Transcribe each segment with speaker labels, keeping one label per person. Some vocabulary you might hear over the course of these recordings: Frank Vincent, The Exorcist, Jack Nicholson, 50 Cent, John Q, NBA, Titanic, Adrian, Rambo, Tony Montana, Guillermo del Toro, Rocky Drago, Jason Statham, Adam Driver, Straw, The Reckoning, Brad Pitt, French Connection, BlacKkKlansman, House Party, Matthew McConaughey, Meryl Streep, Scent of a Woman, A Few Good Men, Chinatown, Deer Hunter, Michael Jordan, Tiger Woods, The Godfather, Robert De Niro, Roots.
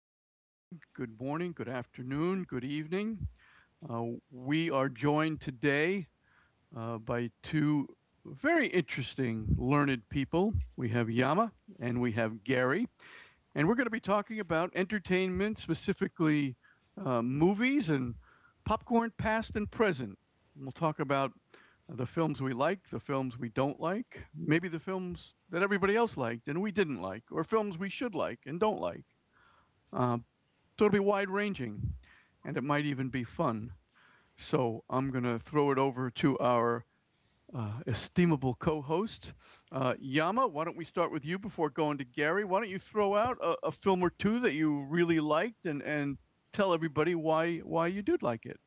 Speaker 1: is Doug. Good morning, good afternoon, good evening. Uh, we are joined today by two very interesting learned people. We have Yama and we have Gary, and we're going to be talking about entertainment, specifically movies and popcorn past and present. We'll talk about the films we like, the films we don't like, maybe the films that everybody else liked and we didn't like, or films we should like and don't like. Uh, so it'll be wide ranging, and it might even be fun. So I'm going to throw it over to our estimable co-host. Yama, why don't we start with you before going to Gary? Why don't you throw out a film or two that you really liked, and tell everybody why you did like it?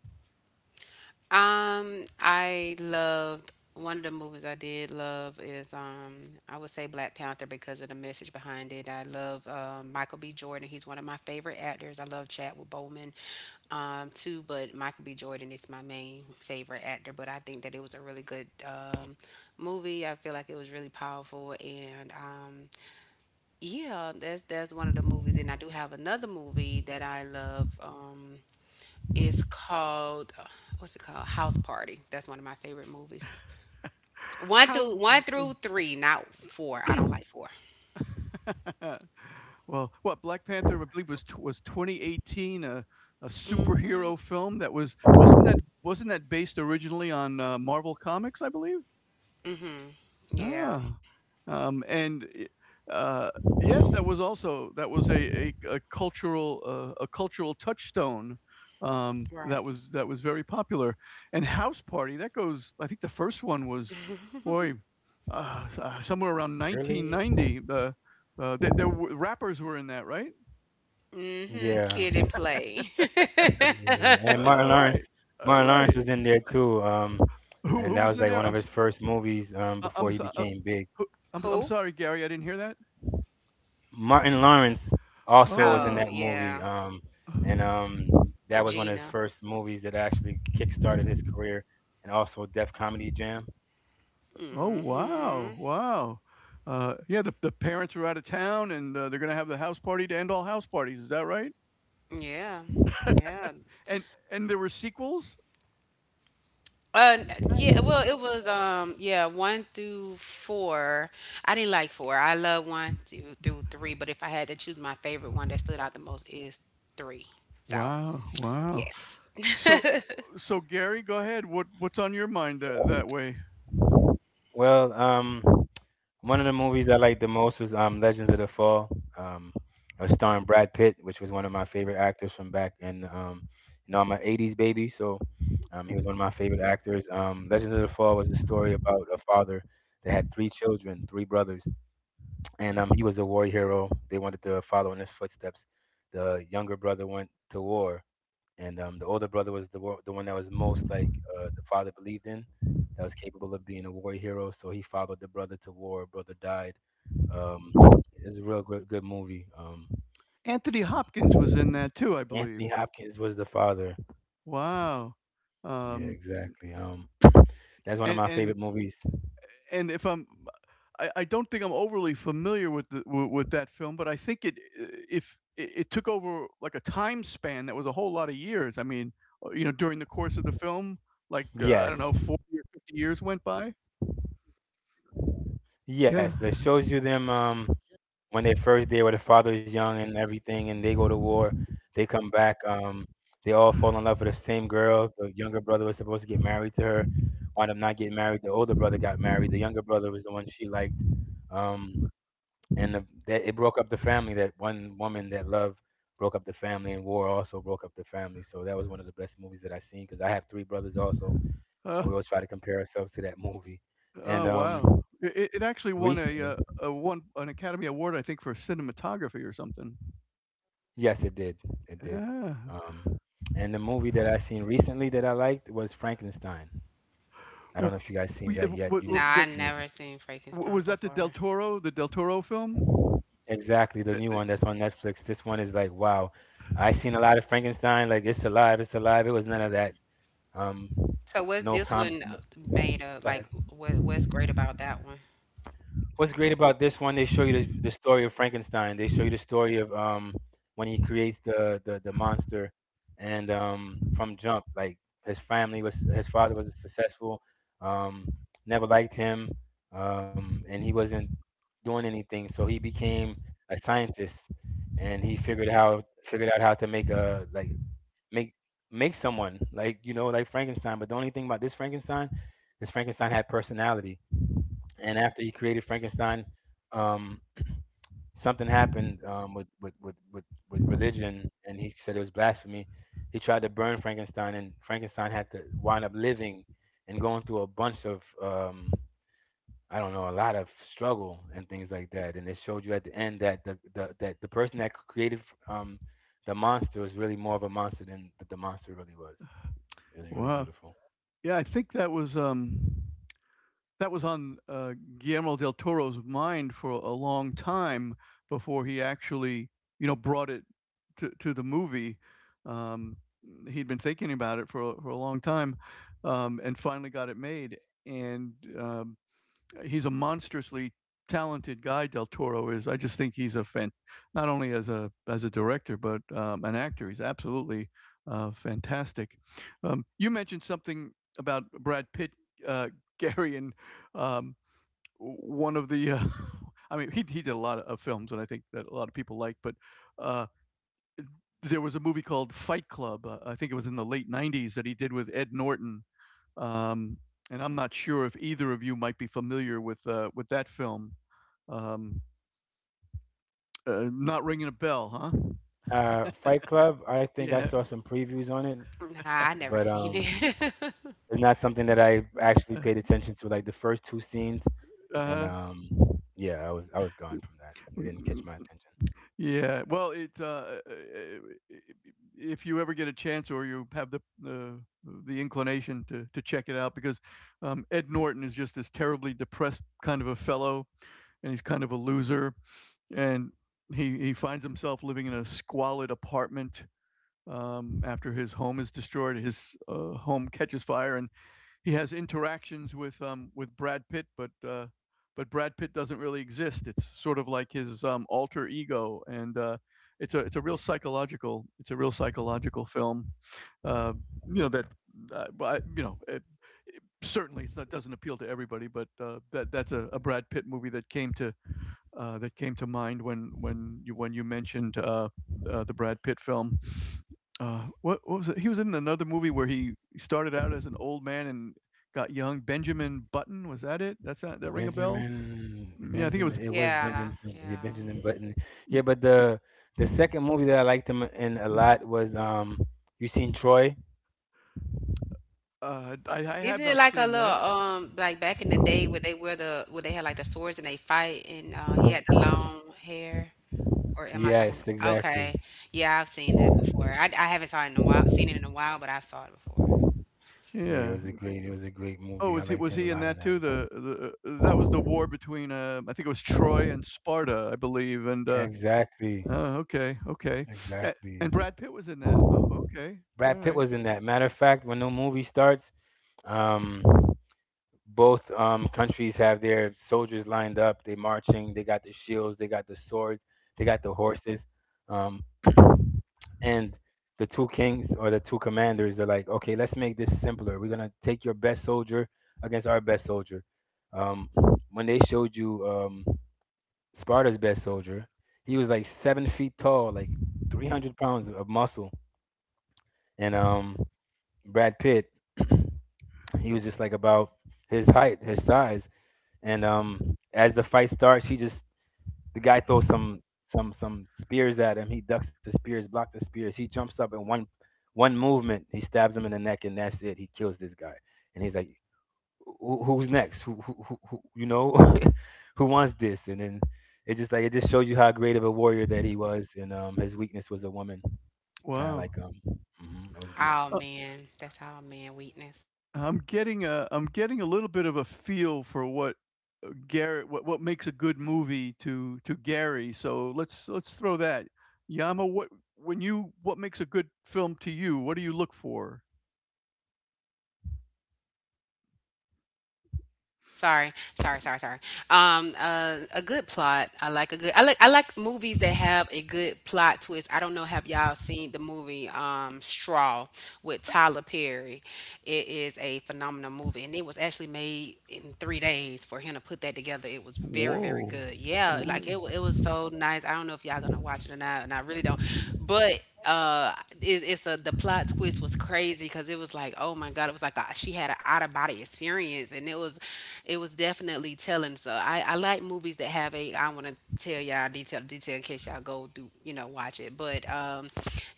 Speaker 2: I loved one of the movies I did love is I would say Black Panther because of the message behind it. I love Michael B. Jordan. He's one of my favorite actors. I love Chadwick Boseman too, but Michael B. Jordan is my main favorite actor. But I think that it was a really good movie. I feel like it was really powerful and that's one of the movies. And I do have another movie that I love. It's called what's it called? House Party. That's one of my favorite movies. One
Speaker 1: How?
Speaker 2: through one through three, not four. I don't like four.
Speaker 1: well, what Black Panther, I believe, was 2018, a superhero film that wasn't that based originally on Marvel comics, I believe.
Speaker 2: Hmm. Yeah.
Speaker 1: Ah, um, and, eh, uh, yes, that was also that was a cultural, a cultural touchstone,
Speaker 2: Right.
Speaker 1: that was very popular. And house party, that goes, I think the first one was, boy, s somewhere around
Speaker 3: Early,
Speaker 1: 1990. There were rappers were in that, right?
Speaker 2: Mm-hmm.
Speaker 3: yeah.
Speaker 2: Kid and Play.
Speaker 3: Yeah. And Martin Lawrence,
Speaker 1: Alright,
Speaker 3: Martin Lawrence
Speaker 1: alright.
Speaker 3: was in there too.
Speaker 1: Who
Speaker 3: And that
Speaker 1: was
Speaker 3: was
Speaker 1: in
Speaker 3: like
Speaker 1: there?
Speaker 3: one
Speaker 1: I'm
Speaker 3: of
Speaker 1: s
Speaker 3: his first movies before
Speaker 1: I'm
Speaker 3: he
Speaker 1: so
Speaker 3: became big.
Speaker 1: who I'm
Speaker 2: Who?
Speaker 1: sorry, Gary, I didn't hear that.
Speaker 3: Martin Lawrence also was in
Speaker 1: Oh.
Speaker 2: Oh
Speaker 3: that movie.
Speaker 2: yeah,
Speaker 3: And That was one of his
Speaker 2: Gina.
Speaker 3: first movies that actually kickstarted his career, and also Def Comedy Jam.
Speaker 1: Oh, wow,
Speaker 2: Mm-hmm.
Speaker 1: wow. Yeah, the parents are out of town, and, they're gonna have the house party to end all house parties, is that right?
Speaker 2: Yeah. Yeah.
Speaker 1: And there were sequels?
Speaker 2: Yeah, well, it was yeah, one through four. I didn't like four. I love one, two through three, but if I had to choose my favorite one that stood out the most is three. So
Speaker 1: Wow, wow.
Speaker 2: yes.
Speaker 1: So, so Gary, go ahead, what's on your mind that way?
Speaker 3: Well, one of the movies I liked the most was Legends of the Fall. It was starring Brad Pitt, which was one of my favorite actors from back in, you know, I'm an 80s baby, so he was one of my favorite actors. Legends of the Fall was a story about a father that had three children, three brothers, and he was a war hero. They wanted to follow in his footsteps. The younger brother went to war, and the older brother was the the one that was most like the father believed in, that was capable of being a war hero. So he followed the brother to war. Brother died. Um, it's a real good movie.
Speaker 1: Anthony
Speaker 3: Um,
Speaker 1: Hopkins was in that too, I
Speaker 3: Anthony
Speaker 1: believe.
Speaker 3: Hopkins was the father.
Speaker 1: Wow.
Speaker 3: Yeah,
Speaker 1: Um,
Speaker 3: exactly. That's one of
Speaker 1: and
Speaker 3: my
Speaker 1: and
Speaker 3: favorite movies.
Speaker 1: if I'm, I don't think I'm overly familiar with with that film, but I think it if it, it took over like a time span that was a whole lot of years. I mean, you know, during the course of the film, like I don't know,
Speaker 3: Yes,
Speaker 1: 40 or 50 years went by.
Speaker 3: yes.
Speaker 1: Yeah.
Speaker 3: It shows you them. When they first there, where the father's young and everything, and they go to war, they come back. They all fall in love with the same girl. The younger brother was supposed to get married to her, wound up not getting married. The older brother got married. The younger brother was the one she liked, um, and that it broke up the family. That one woman that loved broke up the family, and war also broke up the family. So that was one of the best movies that I seen because I have three brothers also,
Speaker 1: Uh,
Speaker 3: and we always try to compare ourselves to that movie. And
Speaker 1: oh, wow. Actually won
Speaker 3: recently,
Speaker 1: a one an Academy Award, I think, for cinematography or something.
Speaker 3: yes, it did. It did.
Speaker 1: Yeah.
Speaker 3: Um, and the movie that I seen recently that I liked was Frankenstein. I don't
Speaker 1: W-
Speaker 3: know if you guys seen
Speaker 1: w-
Speaker 3: that yet.
Speaker 1: w-
Speaker 2: No,
Speaker 1: w-
Speaker 2: I
Speaker 1: the-
Speaker 2: never seen Frankenstein
Speaker 1: was that
Speaker 2: before.
Speaker 1: The Del Toro film?
Speaker 3: Exactly the
Speaker 1: Uh,
Speaker 3: new
Speaker 1: uh,
Speaker 3: one that's on Netflix. This one is like, wow, I seen a lot of Frankenstein. Like it's alive, it's alive. It was none of that. Um,
Speaker 2: So what's
Speaker 3: no
Speaker 2: this
Speaker 3: com.
Speaker 2: one
Speaker 3: No,
Speaker 2: made of? Like, what's great about that one?
Speaker 3: what's great about this one? They show you the story of Frankenstein. They show you the story of when he creates the monster, and from jump, like his family was his father was successful, um, never liked him, um, and he wasn't doing anything, so he became a scientist, and he figured out how to make make someone, like, you know, like Frankenstein. But the only thing about this Frankenstein is Frankenstein had personality, and after he created Frankenstein, um, something happened with religion, and he said it was blasphemy. He tried to burn Frankenstein, and Frankenstein had to wind up living and going through a bunch of, I don't know, a lot of struggle and things like that. And it showed you at the end that the person that created um, the monster was really more of a monster than the monster really was. It was really
Speaker 1: Wow.
Speaker 3: beautiful.
Speaker 1: Yeah, I think that was on Guillermo del Toro's mind for a long time before he actually, you know, brought it to the movie. Um, He'd been thinking about it for for a long time, and finally got it made. And um, he's a monstrously talented guy. Del Toro is. I just think he's a fan, not only as a director but an actor. He's absolutely fantastic. You mentioned something about Brad Pitt, uh, Gary, and um, one of the. I mean, he did a lot of films, and I think that a lot of people like, but. Uh, there was a movie called Fight Club. I think it was in the late '90s that he did with Ed Norton. Um, and I'm not sure if either of you might be familiar with that film. Um, Not ringing a bell, huh?
Speaker 3: Fight Club, I think I
Speaker 1: Yeah.
Speaker 3: saw some previews on it,
Speaker 2: Nah, I never
Speaker 3: but
Speaker 2: seen it.
Speaker 3: it's not something that I actually
Speaker 1: Uh
Speaker 3: paid attention to, like the first two scenes, and
Speaker 1: huh.
Speaker 3: yeah, I was gone from that. It didn't catch my attention.
Speaker 1: Yeah. Well, it if you ever get a chance, or you have the inclination to check it out, because Ed Norton is just this terribly depressed kind of a fellow, and he's kind of a loser. And he finds himself living in a squalid apartment, after his home is destroyed. His home catches fire, and he has interactions with Brad Pitt, but Brad Pitt doesn't really exist. It's sort of like his alter ego, and it's a real psychological it's a real psychological film. Uh, you know that, but, you know, certainly it's not doesn't appeal to everybody, but that that's a Brad Pitt movie that came to mind when when you mentioned the Brad Pitt film. What was it? He was in another movie where he started out as an old man and got young. Benjamin Button, was that it? That ring a bell?
Speaker 3: Benjamin,
Speaker 1: Yeah, I think it
Speaker 3: Benjamin,
Speaker 1: was.
Speaker 3: it was
Speaker 2: Yeah,
Speaker 3: Benjamin, yeah,
Speaker 2: yeah.
Speaker 3: Benjamin Button. Yeah, but the second movie that I liked him in a
Speaker 1: mm,
Speaker 3: lot was you seen Troy?
Speaker 1: I have
Speaker 2: Isn't it
Speaker 1: not
Speaker 2: like a
Speaker 1: seen
Speaker 2: little
Speaker 1: that.
Speaker 2: like back in the day where they had like the swords and they fight and he had the long hair? Or am I
Speaker 3: Yes,
Speaker 2: talking about
Speaker 3: exactly.
Speaker 2: Okay. Yeah, I've seen that before. I haven't saw it in a while, seen it in a while, but I've saw it before.
Speaker 3: Yeah, it
Speaker 1: Yeah.
Speaker 3: was a great
Speaker 1: Oh,
Speaker 3: movie. I liked
Speaker 1: was
Speaker 3: him a
Speaker 1: he in
Speaker 3: lot in
Speaker 1: that
Speaker 3: that.
Speaker 1: too? The That was the war between I think it was Troy and Sparta, I believe. And
Speaker 3: Exactly,
Speaker 1: oh, okay, okay.
Speaker 3: exactly.
Speaker 1: And Brad Pitt was in that. Oh, okay. All
Speaker 3: Brad Pitt
Speaker 1: right.
Speaker 3: was in that. Matter of fact, when the movie starts, um, both countries have their soldiers lined up. They're marching. They got the shields. They got the swords. They got the horses. Um, and the two kings or the two commanders are like, okay, let's make this simpler. We're gonna take your best soldier against our best soldier. Um, when they showed you Sparta's best soldier, he was like 7 feet tall, like 300 pounds of muscle, and Brad Pitt, he was just like about his height, his size. And as the fight starts, he just the guy throws some spears at him. He ducks the spears, blocks the spears. He jumps up in one movement. He stabs him in the neck, and that's it. He kills this guy. And he's like, "Who's next? You know, who wants this?" And then it just shows you how great of a warrior that he was, and his weakness was a woman. Kind of
Speaker 1: Wow.
Speaker 3: like mhm, it was
Speaker 2: Oh
Speaker 1: Uh,
Speaker 3: beautiful.
Speaker 2: man, that's how man weakness.
Speaker 1: I'm getting a little bit of a feel for what Garrett what makes a good movie to Gary. So let's throw that. Yama, what when you, what makes a good film to you? What do you look for?
Speaker 2: Sorry, sorry, sorry, sorry. A good plot. I like a good. I like. I like movies that have a good plot twist. I don't know. Have y'all seen the movie Straw with Tyler Perry? It is a phenomenal movie, and it was actually made in 3 days for him to put that together. It was very, very
Speaker 1: Whoa.
Speaker 2: good. Yeah, like
Speaker 1: Whoa.
Speaker 2: it. It was so nice. I don't know if y'all gonna watch it or not, and I really don't. But it's a the plot twist was crazy because it was like, oh my god, it was like a, she had an body experience and it was definitely telling. So I like movies that have a, I want to tell y'all detail in case y'all go do you know watch it. But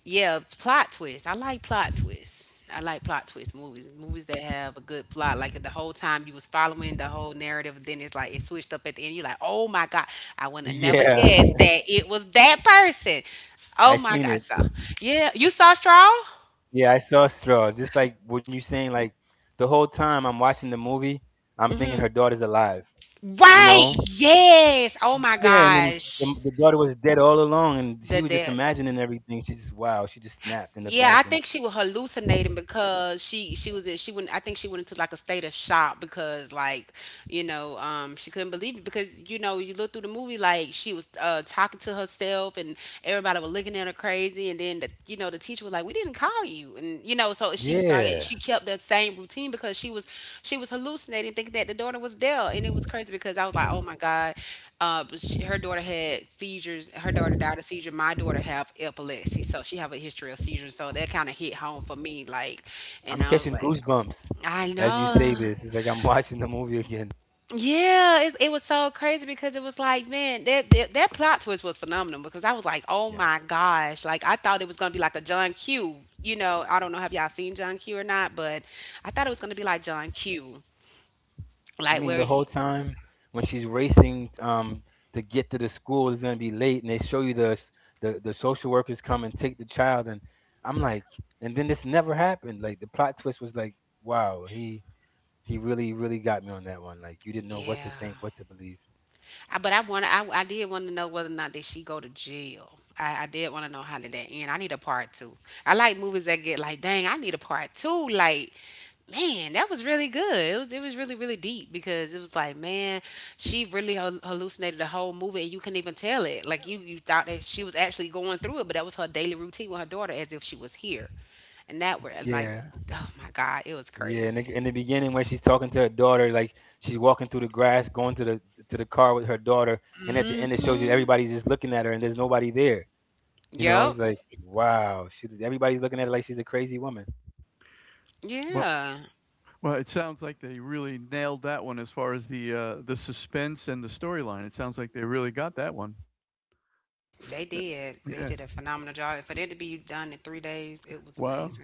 Speaker 2: yeah, plot twist. I like plot twists I like plot twist movies movies that have a good plot, like the whole time you was following the whole narrative, then it's like it switched up at the end, you're like, oh my god, I would have never
Speaker 3: Yeah,
Speaker 2: guessed that it was that person. Oh
Speaker 3: I
Speaker 2: my
Speaker 3: seen
Speaker 2: god.
Speaker 3: it.
Speaker 2: So yeah, you saw Straw.
Speaker 3: Yeah, I saw Straw. Just like when you saying, like, the whole time I'm watching the movie, I'm thinking
Speaker 2: Mm-hmm.
Speaker 3: her daughter's alive. You
Speaker 2: Right.
Speaker 3: know?
Speaker 2: Yes. Oh my
Speaker 3: Yeah, and then
Speaker 2: gosh.
Speaker 3: the daughter was dead all along, and
Speaker 2: The
Speaker 3: she was just
Speaker 2: that.
Speaker 3: imagining everything. She just wow, she just snapped in the
Speaker 2: Yeah, I
Speaker 3: bank, and
Speaker 2: think she was hallucinating because she was in, she went, I think she went into like a state of shock, because like, you know, she couldn't believe it because, you know, you look through the movie like she was talking to herself and everybody was looking at her crazy. And then, the, you know, the teacher was like, we didn't call you, and you know. So she started,
Speaker 3: yeah,
Speaker 2: she kept that same routine because she was, she was hallucinating, thinking that the daughter was there, and it was crazy because I was like, oh my god. But she, her daughter had seizures. Her daughter died of seizure. My daughter have epilepsy, so she have a history of seizures. So that kind of hit home for me, like, and
Speaker 3: I'm
Speaker 2: I was
Speaker 3: catching
Speaker 2: like,
Speaker 3: goosebumps
Speaker 2: I
Speaker 3: as you say
Speaker 2: know.
Speaker 3: this. It's like I'm watching the movie again.
Speaker 2: Yeah, it was so crazy because it was like, man, that, that that plot twist was phenomenal because I was like, oh my gosh, like I thought it was gonna be like a John Q. You know, I don't know if y'all seen John Q or not, but I thought it was gonna be like John Q,
Speaker 3: I
Speaker 2: like
Speaker 3: mean,
Speaker 2: where
Speaker 3: the whole
Speaker 2: he,
Speaker 3: time when she's racing to get to the school, it's gonna be late, and they show you the s- the social workers come and take the child, and I'm like, and then this never happened. Like the plot twist was like, wow, he really got me on that one. Like you didn't know what
Speaker 2: yeah.
Speaker 3: to think, what to believe.
Speaker 2: I, but I want I did want to know whether or not did she go to jail. I did want to know how did that end. I need a part two. I like movies that get like, dang, I need a part two. Like, man, that was really good. It was really really deep because it was like, man, she really hallucinated the whole movie and you couldn't even tell it. Like you thought that she was actually going through it, but that was her daily routine with her daughter as if she was here. And that were like,
Speaker 3: Yeah,
Speaker 2: oh my god, it was
Speaker 3: yeah.
Speaker 2: crazy.
Speaker 3: In the beginning, where she's talking to her daughter, like she's walking through the grass, going to the car with her daughter, and at the end, it shows you
Speaker 2: Mhm.
Speaker 3: everybody's just looking at her, and there's nobody there. You know,
Speaker 2: Yep.
Speaker 3: it's like, wow, she everybody's looking at it like she's a crazy woman.
Speaker 1: Well,
Speaker 2: Yeah.
Speaker 1: well, it sounds like they really nailed that one as far as the suspense and the storyline. It sounds like they really got that one.
Speaker 2: They
Speaker 1: Yeah.
Speaker 2: did. They
Speaker 1: Yeah.
Speaker 2: did a phenomenal job. For that to be done in 3 days, it was
Speaker 1: Wow.
Speaker 2: amazing.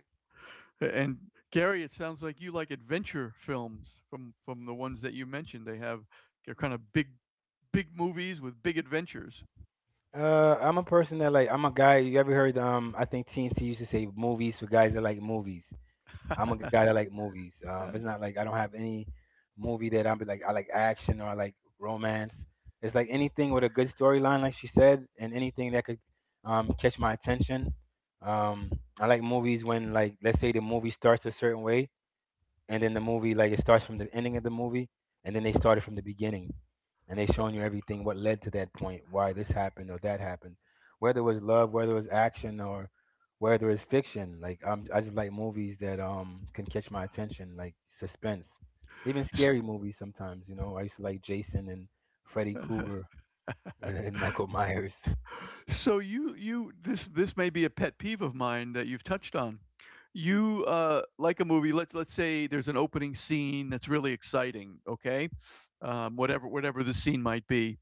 Speaker 1: And Gary, it sounds like you like adventure films from the ones that you mentioned. They have they're kind of big movies with big adventures.
Speaker 3: Uh, I'm a person that like I'm a guy. You ever heard? I think TNT used to say movies for guys that like movies. I'm a guy that like movies. It's not like I don't have any movie that I'm like I like action or I like romance. It's like anything with a good storyline, like she said, and anything that could catch my attention. Um, I like movies when, like, let's say the movie starts a certain way, and then the movie like it starts from the ending of the movie, and then they started from the beginning, and they showing you everything what led to that point, why this happened or that happened, whether it was love, whether it was action, or whether it's fiction. Like I just like movies that can catch my attention, like suspense, even scary movies sometimes. You know, I used to like Jason and Freddy Krueger and Michael Myers
Speaker 1: So you this, this may be a pet peeve of mine that you've touched on. You like a movie. Let's say there's an opening scene that's really exciting. Okay, whatever the scene might be,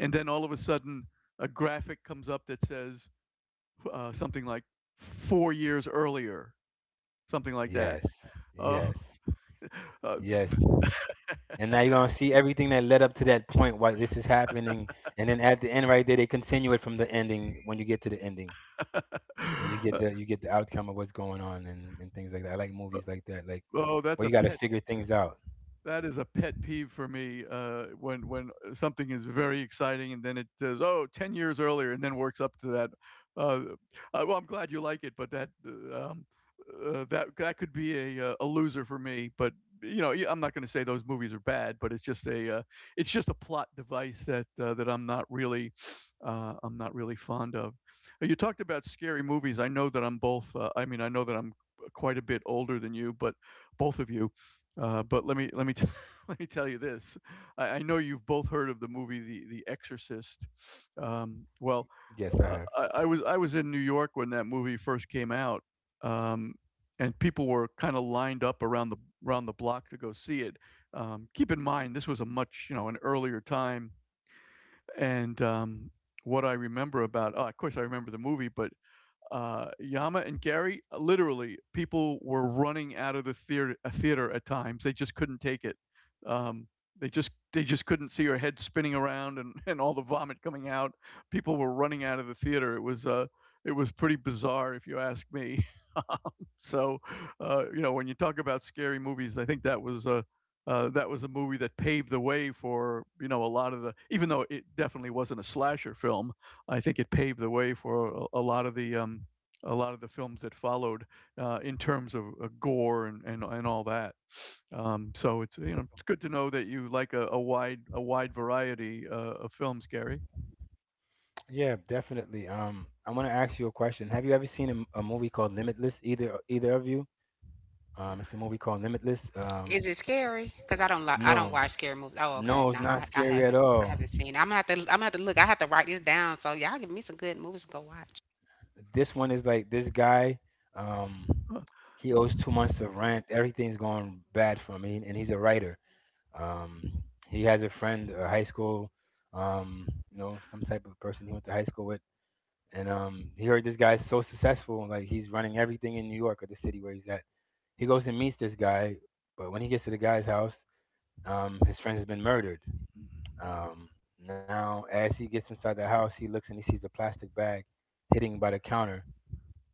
Speaker 1: and then all of a sudden a graphic comes up that says something like 4 years earlier, something like that.
Speaker 3: yes,
Speaker 1: Oh,
Speaker 3: yes,
Speaker 1: uh,
Speaker 3: yes. And now you're gonna see everything that led up to that point, why this is happening. And then at the end right there they continue it from the ending when you get to the ending. And
Speaker 1: uh,
Speaker 3: you get the outcome of what's going on and things like that. I like movies like that, like
Speaker 1: oh,
Speaker 3: where
Speaker 1: that's
Speaker 3: you
Speaker 1: a
Speaker 3: gotta
Speaker 1: pet
Speaker 3: figure things out.
Speaker 1: That is a pet peeve for me, when something is very exciting and then it says, "Oh, 10 years earlier," and then works up to that. Uh, well, I'm glad you like it, but that, that that could be a loser for me, but, you know, yeah, I'm not gonna say those movies are bad, but it's just it's just a plot device that, that I'm not really fond of. You talked about scary movies. I know that I'm both, I mean, I know that I'm, quite a bit older than you, but both of you. But let me let me tell you this. I know you've both heard of the movie The Exorcist. Um, well,
Speaker 3: Yes, I have.
Speaker 1: I was in New York when that movie first came out, um, and people were kind of lined up around the block to go see it. Keep in mind, this was a much, you know, an earlier time, and what I remember about, oh, of course I remember the movie, but Yama and Gary, literally, people were running out of the theater, at times. They just couldn't take it. Um, they just couldn't see her head spinning around, and, and all the vomit coming out. People were running out of the theater. It was pretty bizarre, if you ask me. So, you know, when you talk about scary movies, I think that was a movie that paved the way for, you know, a lot of the, even though it definitely wasn't a slasher film, I think it paved the way for a lot of the a lot of the films that followed in terms of gore, and, and all that. So it's, you know, it's good to know that you like a wide variety of films, Gary.
Speaker 3: Yeah, definitely. Um, I wanna ask you a question. Have you ever seen m- a movie called Limitless, either either of you? Um, it's a movie called Limitless. Um,
Speaker 2: Is it scary? Because I don't like, I don't
Speaker 3: no.
Speaker 2: watch scary movies. Oh, okay.
Speaker 3: No,
Speaker 2: No,
Speaker 3: it's not
Speaker 2: I
Speaker 3: scary at
Speaker 2: haven't. I
Speaker 3: all.
Speaker 2: haven't seen it. I'm gonna have to, I'm gonna have to look. I have to write this down. So y'all give me some good movies to go watch.
Speaker 3: This one is like this guy, um, he owes 2 months of rent. Everything's going bad for me, and he's a writer. Um, he has a friend, a high school, you know, some type of person he went to high school with, and he heard this guy's so successful, like he's running everything in New York or the city where he's at. He goes and meets this guy, but when he gets to the guy's house, his friend has been murdered. Um, now, as he gets inside the house, he looks and he sees a plastic bag hitting by the counter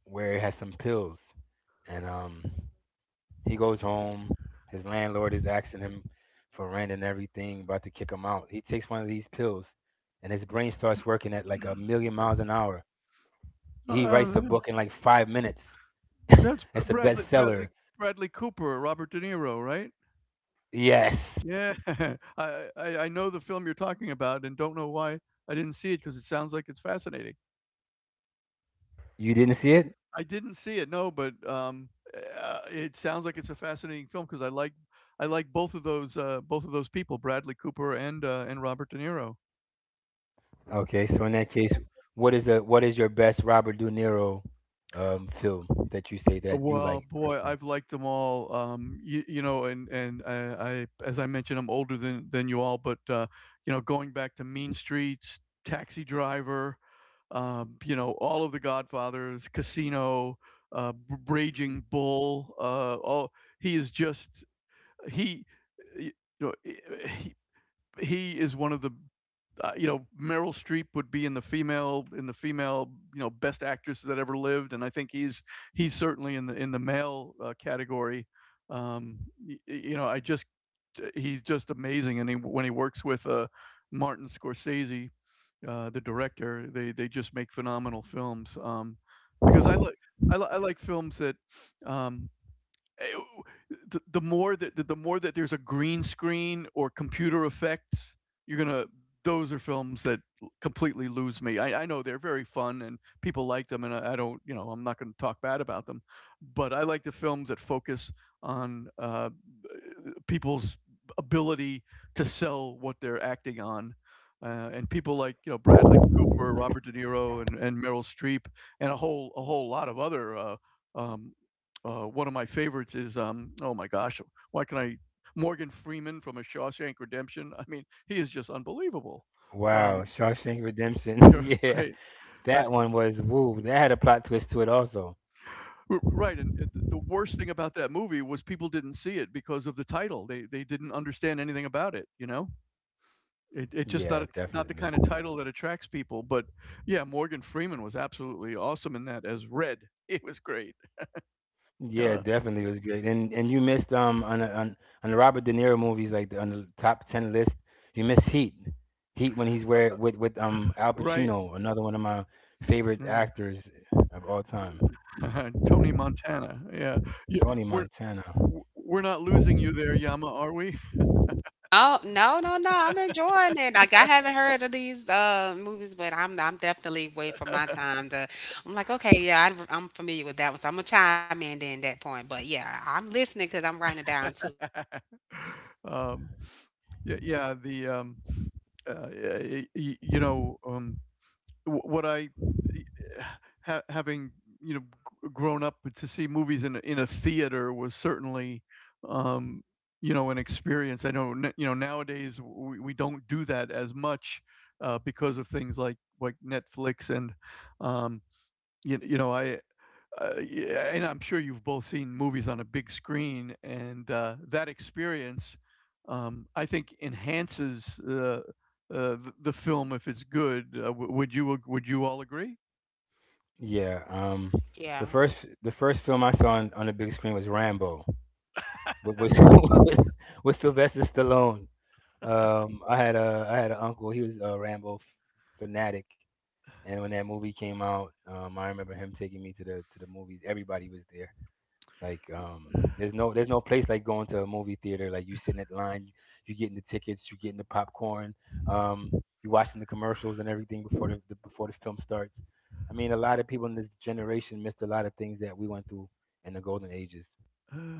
Speaker 3: where it has some pills. And he goes home. His landlord is asking him for rent and everything, about to kick him out. He takes one of these pills, and his brain starts working at like a million miles an hour. He writes a
Speaker 1: Uh,
Speaker 3: book in like 5 minutes.
Speaker 1: that's
Speaker 3: It's a
Speaker 1: Bradley Bradley
Speaker 3: bestseller.
Speaker 1: Bradley Cooper, Robert De Niro, right?
Speaker 3: Yes,
Speaker 1: Yeah, I know the film you're talking about, and don't know why I didn't see it, because it sounds like it's fascinating.
Speaker 3: you didn't see it.
Speaker 1: I didn't see it, no, but, it sounds like it's a fascinating film, because I like both of those people, Bradley Cooper and Robert De Niro.
Speaker 3: Okay, so in that case, what is a what is your best Robert De Niro film that you say that you
Speaker 1: Well,
Speaker 3: like
Speaker 1: boy,
Speaker 3: personally?
Speaker 1: I've liked them all, you, you know, and I, as I mentioned, I'm older than you all, but, you know, going back to Mean Streets, Taxi Driver, you know, all of the Godfathers, Casino, B Raging Bull, all, he is just, he, y- you know, he is one of the, you know, Meryl Streep would be in the female, you know, best actress that ever lived, and I think he's certainly in the male category. Um, y- you know, I just he's just amazing, and when he works with Martin Scorsese, the director, they just make phenomenal films. Because I like I like films that um, eh, the more that the more that there's a green screen or computer effects, you're gonna those are films that completely lose me. I know they're very fun and people like them, and I don't, I'm not going to talk bad about them, but I like the films that focus on people's ability to sell what they're acting on. And people like Bradley Cooper, Robert De Niro, and Meryl Streep, and a whole lot of other um, one of my favorites is oh my gosh, why can I Morgan Freeman from A Shawshank Redemption? I mean, he is just unbelievable.
Speaker 3: Wow,
Speaker 1: Um,
Speaker 3: Shawshank Redemption. Yeah.
Speaker 1: right, I,
Speaker 3: That one was woo. That had a plot twist to it also.
Speaker 1: right. And the worst thing about that movie was people didn't see it because of the title. They didn't understand anything about it. You know, it's just not
Speaker 3: Yeah,
Speaker 1: a, not the
Speaker 3: definitely.
Speaker 1: kind of title that attracts people. But yeah, Morgan Freeman was absolutely awesome in that as Red. It was great.
Speaker 3: Yeah,
Speaker 1: Uh,
Speaker 3: definitely was great. And you missed on the Robert De Niro movies like on the top ten list. You missed Heat. Heat when he's
Speaker 1: uh,
Speaker 3: where with with Al
Speaker 1: right.
Speaker 3: Pacino, another one of my favorite
Speaker 1: Yeah.
Speaker 3: actors of all time.
Speaker 1: Tony Montana, yeah. Yeah,
Speaker 3: Tony
Speaker 1: we're
Speaker 3: Montana.
Speaker 1: we're not losing you there, Yama, are we?
Speaker 2: Oh no no no! I'm enjoying it. Like I haven't heard of these movies, but I'm definitely waiting for my time to. I'm like, okay, yeah, I'm familiar with that one, so I'm gonna chime in then at that point. But yeah, I'm listening because I'm writing it down too.
Speaker 1: Um, yeah yeah, the, y y you know, w what I ha having, you know, g grown up to see movies in a theater was certainly, um, you know, an experience. I know n You know, nowadays, we don't do that as much, because of things like Netflix and, um, you you know, I yeah, and I'm sure you've both seen movies on a big screen, and that experience, I think, enhances the film if it's good. Would you all agree?
Speaker 3: Yeah. The
Speaker 2: Yeah.
Speaker 3: first The first film I saw on the big screen was Rambo. With with Sylvester Stallone. I had a I had an uncle. He was a Rambo fanatic, and when that movie came out, I remember him taking me to the movies. Everybody was there. Like, um, there's no there's no place like going to a movie theater. Like you sitting at line, you getting the tickets, you getting the popcorn, um, you watching the commercials and everything before the before the film starts. I mean, a lot of people in this generation missed a lot of things that we went through in the golden ages.
Speaker 1: Uh,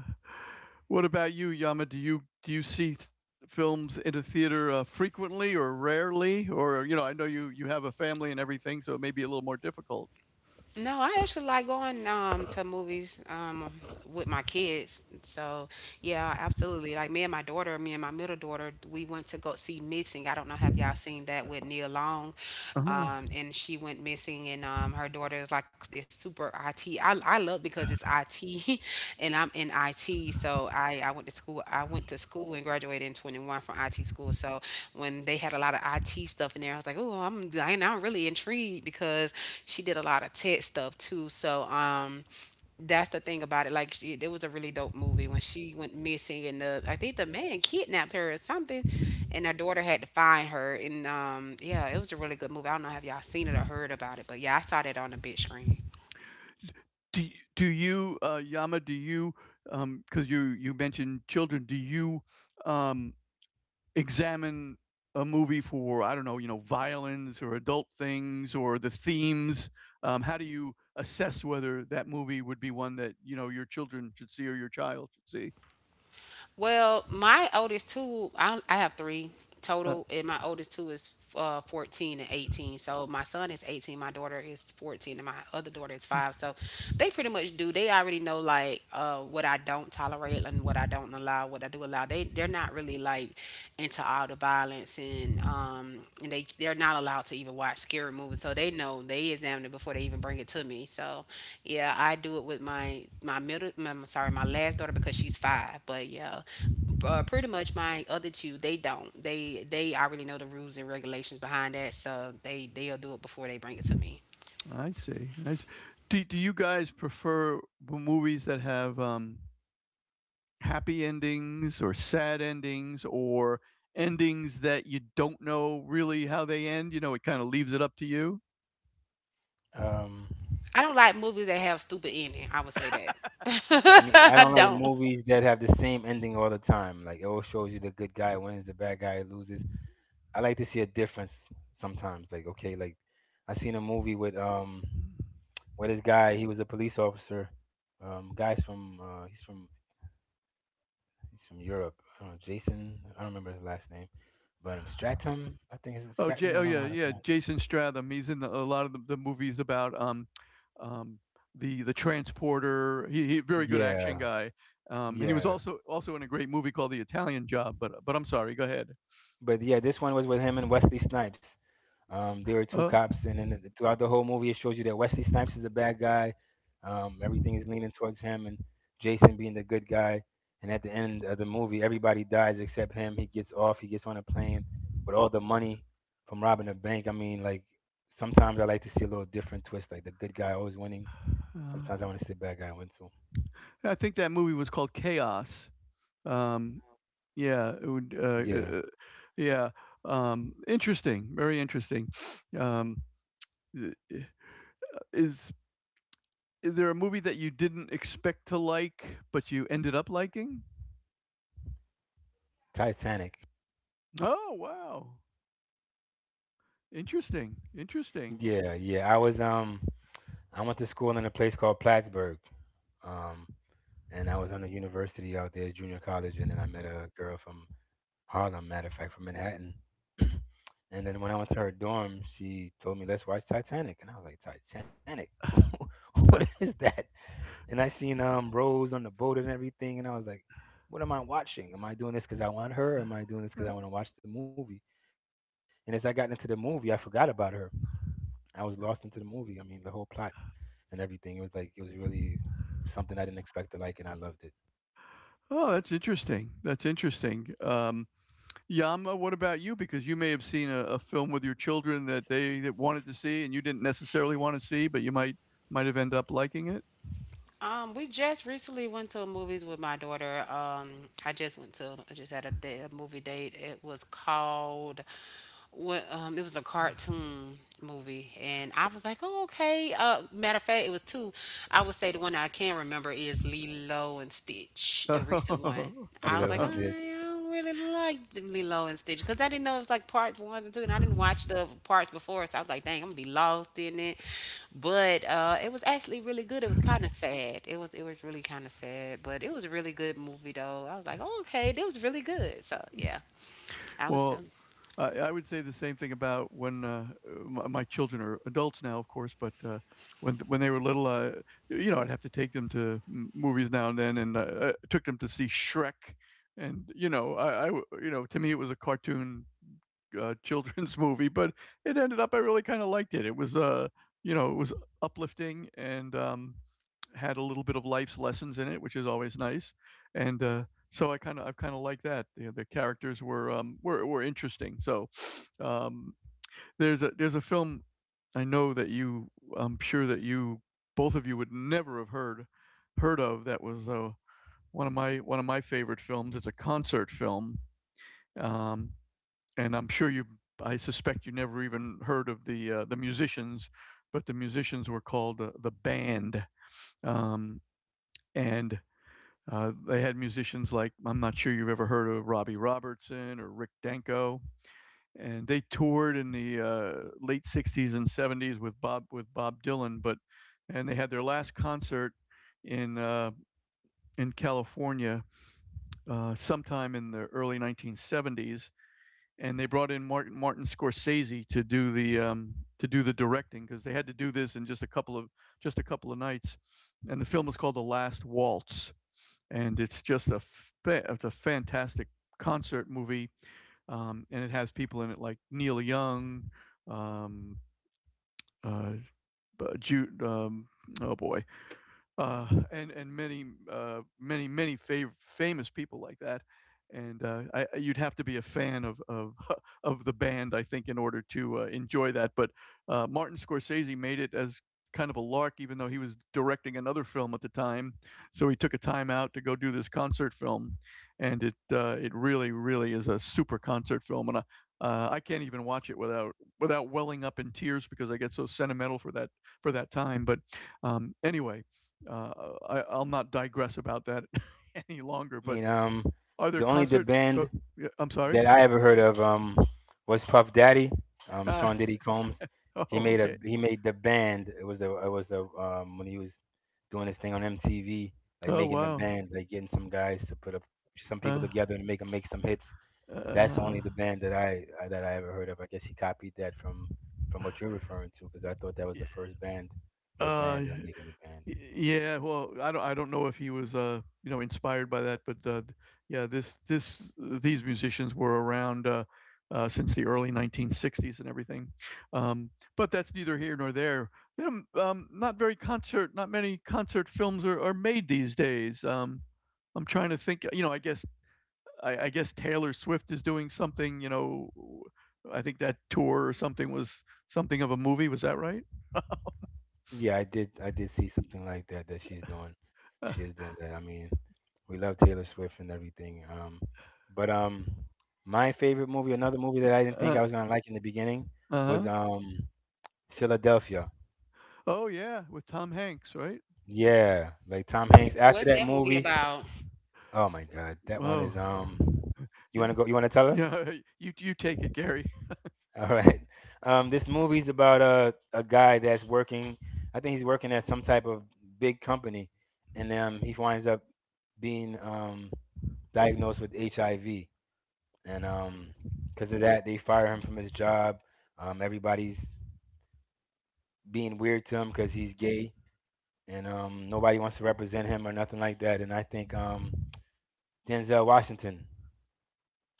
Speaker 1: what about you, Yama? Do you see films in a theater frequently or rarely? Or you know, I know you have a family and everything, so it may be a little more difficult.
Speaker 2: No, I actually like going to movies with my kids. So yeah, absolutely. Like me and my daughter, me and my middle daughter, we went to go see Missing. I don't know, have y'all seen that with Neil Long?
Speaker 1: Uh-huh.
Speaker 2: And she went missing, and her daughter is like this super. IT. I love because it's IT and I'm in IT. So I went to school and graduated in 21 from IT school. So when they had a lot of IT stuff in there, I was like, oh, I'm, and I'm really intrigued because she did a lot of tech stuff too. So that's the thing about it. Like she, it was a really dope movie when she went missing, and the, I think the man kidnapped her or something, and her daughter had to find her. And yeah, it was a really good movie. I don't know have y'all seen it or heard about it, but yeah, I saw that on the big screen.
Speaker 1: do y do you, Yama, do you, because you mentioned children, um, examine a movie for, I don't know, you know, violence or adult things or the themes? How do you assess whether that movie would be one that, you know, your children should see or your child should see?
Speaker 2: Well, my oldest two, I have three total,
Speaker 1: Uh,
Speaker 2: and my oldest two is 14 and 18. So my son is 18, my daughter is 14, and my other daughter is 5. So they pretty much do. They already know like what I don't tolerate and what I don't allow, what I do allow. They they're not really like into all the violence and they they're not allowed to even watch scary movies. So they know, they examine it before they even bring it to me. So yeah, I do it with I'm sorry, my last daughter, because she's 5. But yeah, pretty much my other two, they don't they already know the rules and regulations behind that. So they they'll do it before they bring it to me.
Speaker 1: I see, I see. Do you guys prefer m movies that have, um, happy endings or sad endings or endings that you don't know really how they end. You know, it kind of leaves it up to you.
Speaker 3: Um,
Speaker 2: I don't like movies that have stupid ending. I would say that.
Speaker 3: Me, I
Speaker 2: I
Speaker 3: don't like
Speaker 2: don't.
Speaker 3: movies that have the same ending all the time. Like it always shows you the good guy wins, the bad guy loses. I like to see a difference sometimes. Like okay, I seen a movie with this guy. He was a police officer. Guys from he's from he's from Europe. I don't know, Jason. I don't remember his last name, but Stratum. I think it's Stratton.
Speaker 1: Oh
Speaker 3: I don't know
Speaker 1: yeah,
Speaker 3: how to
Speaker 1: yeah.
Speaker 3: pronounce.
Speaker 1: Jason Stratham. He's in a lot of the movies about um, the transporter. He very good action
Speaker 3: Yeah,
Speaker 1: guy. And he was
Speaker 3: yeah.
Speaker 1: also in a great movie called The Italian Job. But I'm sorry. Go ahead.
Speaker 3: But yeah, this one was with him and Wesley Snipes. There were two
Speaker 1: Uh,
Speaker 3: cops, and then throughout the whole movie, it shows you that Wesley Snipes is the bad guy. Everything is leaning towards him, and Jason being the good guy. And at the end of the movie, everybody dies except him. He gets off. He gets on a plane with all the money from robbing a bank. I mean, like sometimes I like to see a little different twist, like the good guy always winning.
Speaker 1: uh,
Speaker 3: Sometimes I want to see the bad guy win too.
Speaker 1: I think that movie was called Chaos. Um, Yeah, it would.
Speaker 3: Yeah,
Speaker 1: Uh, uh, yeah, interesting. Very interesting. Um, i- i- is is there a movie that you didn't expect to like but you ended up liking?
Speaker 3: Titanic.
Speaker 1: Oh wow, interesting. Interesting.
Speaker 3: Yeah, yeah. I was I went to school in a place called Plattsburgh. Um, and I was on a university out there, junior college, and then I met a girl from Harlem, matter of fact, from Manhattan. And then when I went to her dorm, she told me, "Let's watch Titanic," and I was like, "Titanic, what is that?" And I seen Rose on the boat and everything, and I was like, "What am I watching? Am I doing this because I want her? Or am I doing this
Speaker 1: Uh,
Speaker 3: because I want to watch the movie?" And as I got into the movie, I forgot about her. I was lost into the movie. I mean, the whole plot and everything. It was like it was really something I didn't expect to like, and I loved it.
Speaker 1: Oh, that's interesting. That's interesting. Yama, what about you? Because you may have seen a film with your children that they that wanted to see and you didn't necessarily want to see, but you might have ended up liking
Speaker 2: We just recently went to movies with my daughter. I just went to, I just had a day, a movie date. It was called, what? It was a cartoon movie, and I was like, oh, okay. Matter of fact, it was two. I would say the one I can remember is Lilo and Stitch, the recent one. I
Speaker 3: Lilo
Speaker 2: was
Speaker 3: and
Speaker 2: like, oh,
Speaker 1: it.
Speaker 3: Stitch.
Speaker 2: yeah, I don't really like the Lilo and Stitch because I didn't know it was like parts one and two, and I didn't watch the parts before, so I was like, dang, I'm gonna be lost in it. But it was actually really good. It was kind of sad. It was really kind of sad, but it was a really good movie though. I was like, oh, okay, it was really good. So yeah, I was.
Speaker 1: Well, I would say the same thing about when my children are adults now, of course, but when they were little, you know, I'd have to take them to movies now and then, and I took them to see Shrek, and you know, you know, to me it was a cartoon children's movie, but it ended up I really kind of liked it. It was you know, it was uplifting and had a little bit of life's lessons in it, which is always nice, and I've kind of like that. The characters were were interesting. So um, there's a film I know that you I'm sure that you both of you would never have heard of that was one of my favorite films. It's a concert film. Um, and I suspect you never even heard of the musicians, but the musicians were called the band. Um, and they had musicians like I'm not sure you've ever heard of Robbie Robertson or Rick Danko, and they toured in the late '60s and '70s with Bob Dylan. But and they had their last concert in uh, in California sometime in the early 1970s, and they brought in Martin Scorsese to do the directing because they had to do this in just a couple of nights, and the film is called The Last Waltz, and it's just a it's a fantastic concert movie, and it has people in it like Neil Young, um, uh, Jude, oh boy, and many, many fav famous people like that, and, you'd have to be a fan of of the band, I think, in order to, enjoy that, but, Martin Scorsese made it as kind of a lark even though he was directing another film at the time, so he took a time out to go do this concert film, and it really, really is a super concert film, and, I can't even watch it without welling up in tears because I get so sentimental for that time, but, anyway uh, I, I'll not digress about that any longer.
Speaker 3: I
Speaker 1: But
Speaker 3: mean,
Speaker 1: are there
Speaker 3: the
Speaker 1: concert? Uh,
Speaker 3: band
Speaker 1: yeah, I'm sorry.
Speaker 3: that I ever heard of was Puff Daddy,
Speaker 1: Uh,
Speaker 3: Sean Diddy Combs.
Speaker 1: oh,
Speaker 3: He made a
Speaker 1: okay.
Speaker 3: he made the band. It was the when he was doing his thing on MTV, like
Speaker 1: Oh,
Speaker 3: making the
Speaker 1: wow.
Speaker 3: band, like getting some guys to put up some people
Speaker 1: Uh,
Speaker 3: together and make them make some hits. That's
Speaker 1: uh,
Speaker 3: only the band that I ever heard of. I guess he copied that from what you're referring to because I thought that was
Speaker 1: yeah,
Speaker 3: the first band, the
Speaker 1: uh,
Speaker 3: band making the band.
Speaker 1: Yeah, well, I don't know if he was you know, inspired by that, but yeah, this these musicians were around since the early 1960s and everything. Um, but that's neither here nor there. Not many concert films are made these days. I'm trying to think, you know, I guess Taylor Swift is doing something, you know, I think that tour or something was something of a movie, was that right?
Speaker 3: Yeah, I did. I did see something like that that she's doing. She is doing that. I mean, we love Taylor Swift and everything. But my favorite movie, another movie that I
Speaker 1: Uh,
Speaker 3: didn't think
Speaker 1: uh,
Speaker 3: I was gonna like in the beginning, was
Speaker 1: uh-huh.
Speaker 3: Philadelphia.
Speaker 1: Oh, yeah, with Tom Hanks, right?
Speaker 3: Yeah, like Tom Hanks.
Speaker 2: What's
Speaker 3: After that
Speaker 2: that movie
Speaker 3: movie,
Speaker 2: about?
Speaker 3: oh my God, that one
Speaker 1: Whoa.
Speaker 3: is. You
Speaker 1: Yeah.
Speaker 3: wanna go? You wanna tell her?
Speaker 1: Yeah, you take it, Gary.
Speaker 3: All right. This movie's about a guy that's working. I think he's working at some type of big company, and he winds up being diagnosed with HIV, and because of that, they fire him from his job. Everybody's being weird to him because he's gay, and nobody wants to represent him or nothing like that. And I think Denzel Washington,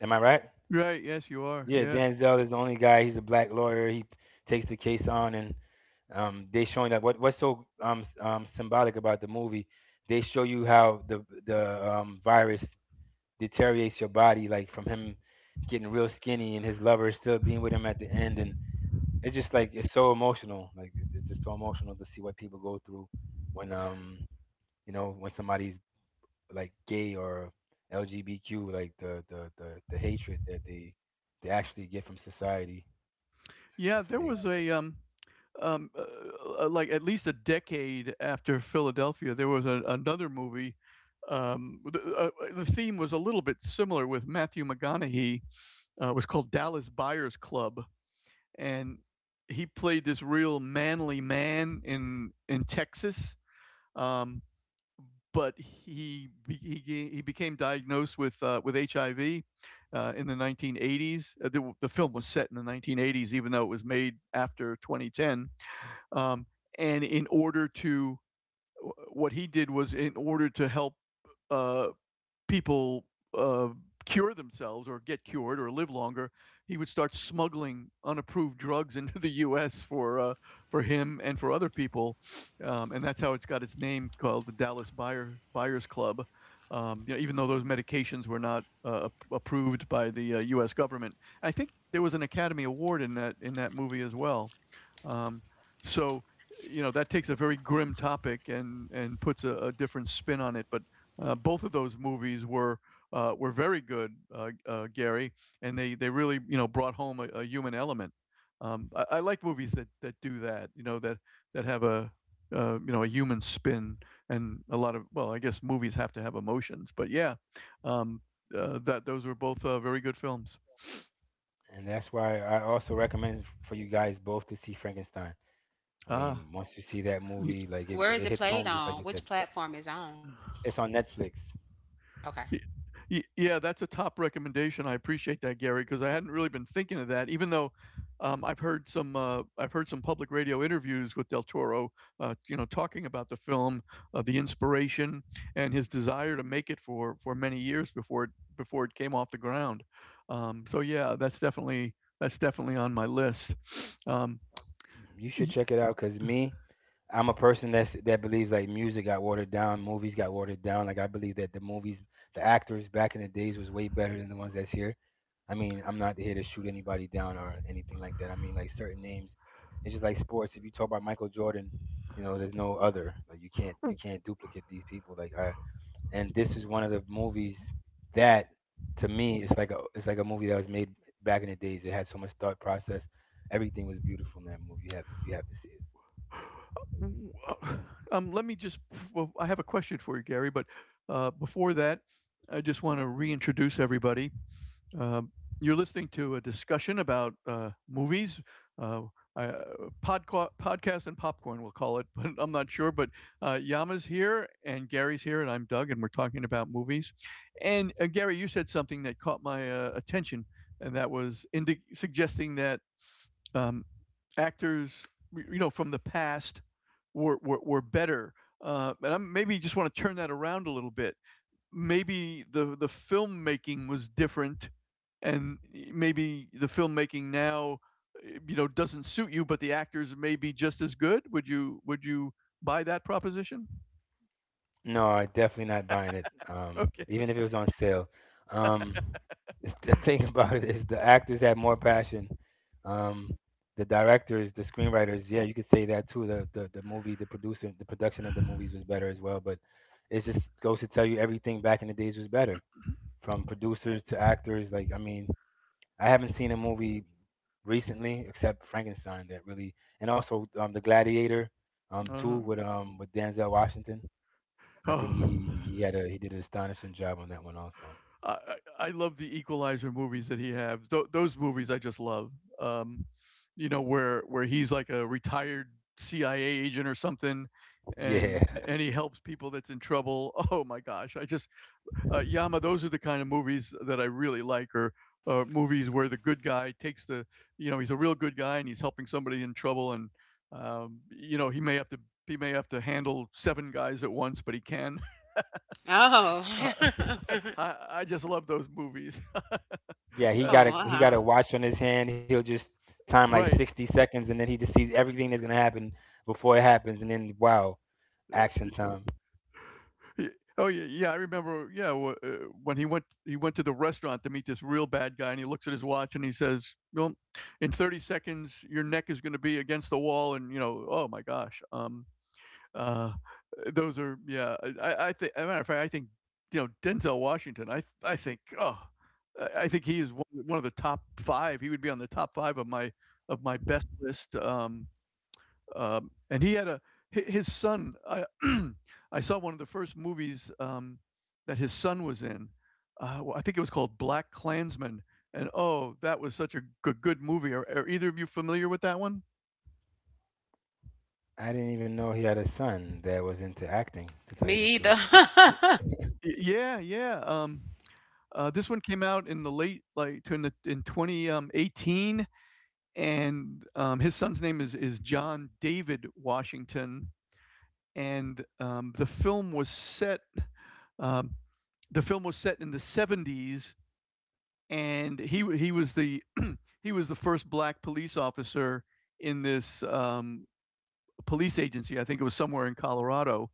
Speaker 3: am I right?
Speaker 1: Right, yes, you are.
Speaker 3: Yeah,
Speaker 1: Yeah.
Speaker 3: Denzel is the only guy. He's a black lawyer. He takes the case on, and they showing that what's so symbolic about the movie. They show you how the virus deteriorates your body, like from him getting real skinny and his lover still being with him at the end, and it's just like it's so emotional. Like it's just so emotional to see what people go through when you know when somebody's like gay or LGBTQ, like the hatred that they actually get from society.
Speaker 1: Yeah,
Speaker 3: It's
Speaker 1: there was
Speaker 3: amazing,
Speaker 1: a like at least a decade after Philadelphia, there was another movie um, the theme was a little bit similar with Matthew McConaughey. It was called Dallas Buyers Club and he played this real manly man in Texas. Um, but he, he became diagnosed with HIV in the 1980s. The film was set in the 1980s, even though it was made after 2010. Um, and in order to what he did was in order to help uh, people uh, cure themselves or get cured or live longer, he would start smuggling unapproved drugs into the U.S. For him and for other people, and that's how it's got its name called the Buyers Club. You know, even though those medications were not approved by the U.S. government, I think there was an Academy Award in that movie as well. Um, so you know that takes a very grim topic and puts a different spin on it, but both of those movies were very good, Gary, and they really you know brought home a human element. I like movies that, that do that, you know that that have a you know a human spin and a lot of well, I guess movies have to have emotions, but yeah, um, that those were both very good films.
Speaker 3: and that's why I also recommend for you guys both to see Frankenstein. I
Speaker 1: Ah,
Speaker 3: mean, once you see that
Speaker 1: y-
Speaker 3: movie, like
Speaker 2: Where is
Speaker 3: it
Speaker 2: it
Speaker 3: hits
Speaker 2: played
Speaker 3: home, just like
Speaker 2: on?
Speaker 3: you said.
Speaker 2: Which platform is on?
Speaker 3: It's on Netflix.
Speaker 2: Okay.
Speaker 1: Y y yeah, that's a top recommendation. I appreciate that, Gary, because I hadn't really been thinking of that, even though, I've heard some public radio interviews with Del Toro, you know, talking about the film, the inspiration and his desire to make it for many years before it came off the ground. So yeah, that's definitely on my list. Um,
Speaker 3: You should check it out because me, I'm a person that believes like music got watered down, movies got watered down. Like I believe that the actors back in the days was way better than the ones that's here. I mean, I'm not here to shoot anybody down or anything like that. I mean, like certain names, it's just like sports. If you talk about Michael Jordan, you know, there's no other. Like you can't duplicate these people. Like I and this is one of the movies that to me it's like a movie that was made back in the days. It had so much thought process. Everything was beautiful in that movie. You have to see it.
Speaker 1: W let me just well, I have a question for you, Gary, but, before that, I just wanna reintroduce everybody. Um, you're listening to a discussion about, movies, uh, I- uh, podcast and popcorn, we'll call it, but I'm not sure, but, Yama's here, and Gary's here, and I'm Doug, and we're talking about movies. And, Gary, you said something that caught my, attention, and that was indi suggesting that, um, actors, you know, from the past were better. And I maybe just want to turn that around a little bit. Maybe the filmmaking was different, and maybe the filmmaking now, you know, doesn't suit you, but the actors may be just as good. Would you buy that proposition?
Speaker 3: No, I definitely not buying it.
Speaker 1: Okay.
Speaker 3: Even if it was on sale. Um, the thing about it is the actors had more passion. Um, the directors, the screenwriters, yeah, you could say that too. The producer, the production of the movies was better as well. But it just goes to tell you everything back in the days was better. From producers to actors. Like, I mean, I haven't seen a movie recently except Frankenstein that really, and also the Gladiator, too
Speaker 1: Uh-huh.
Speaker 3: with Denzel Washington. I think
Speaker 1: Oh.
Speaker 3: he had a he did an astonishing job on that one also.
Speaker 1: I I love the Equalizer movies that he have. Those movies I just love. Um, you know where he's like a retired CIA agent or something,
Speaker 3: Yeah,
Speaker 1: and he helps people that's in trouble. Oh my gosh! I just Yama, those are the kind of movies that I really like. Or movies where the good guy takes the you know he's a real good guy and he's helping somebody in trouble and you know he may have to handle seven guys at once but he can uh,
Speaker 2: Oh.
Speaker 1: I just love those movies
Speaker 3: yeah,
Speaker 2: Oh.
Speaker 1: uh,
Speaker 3: he
Speaker 2: Uh-huh.
Speaker 3: got a watch on his hand. He'll just time like
Speaker 1: Right.
Speaker 3: 60 seconds, and then he just sees everything that's gonna happen before it happens, and then wow,
Speaker 1: Uh,
Speaker 3: action time.
Speaker 1: y oh, yeah, I remember, yeah, wh when he went to the restaurant to meet this real bad guy, and he looks at his watch and he says, "Well, in 30 seconds, your neck is gonna be against the wall," and, you know, oh my gosh, uh, those are yeah, I thi as a matter of fact, I think, you know, Denzel Washington, I think, I think he is one of the top 5, he would be on the top 5 of my best list, um. And he had a his son. I I saw one of the first movies that his son was in. Well, I think it was called Black Klansman. And oh, that was such a good, good movie. Are either of you familiar with that one?
Speaker 3: I didn't even know he had a son that was into acting, to
Speaker 2: Me
Speaker 3: tell you the
Speaker 2: either.
Speaker 3: truth.
Speaker 1: y- Yeah, yeah. This one came out in the late, like, to in the in 2018, and his son's name is John David Washington, and, um, the film was set in the 70s, and he was the first black police officer in this police agency. I think it was somewhere in Colorado,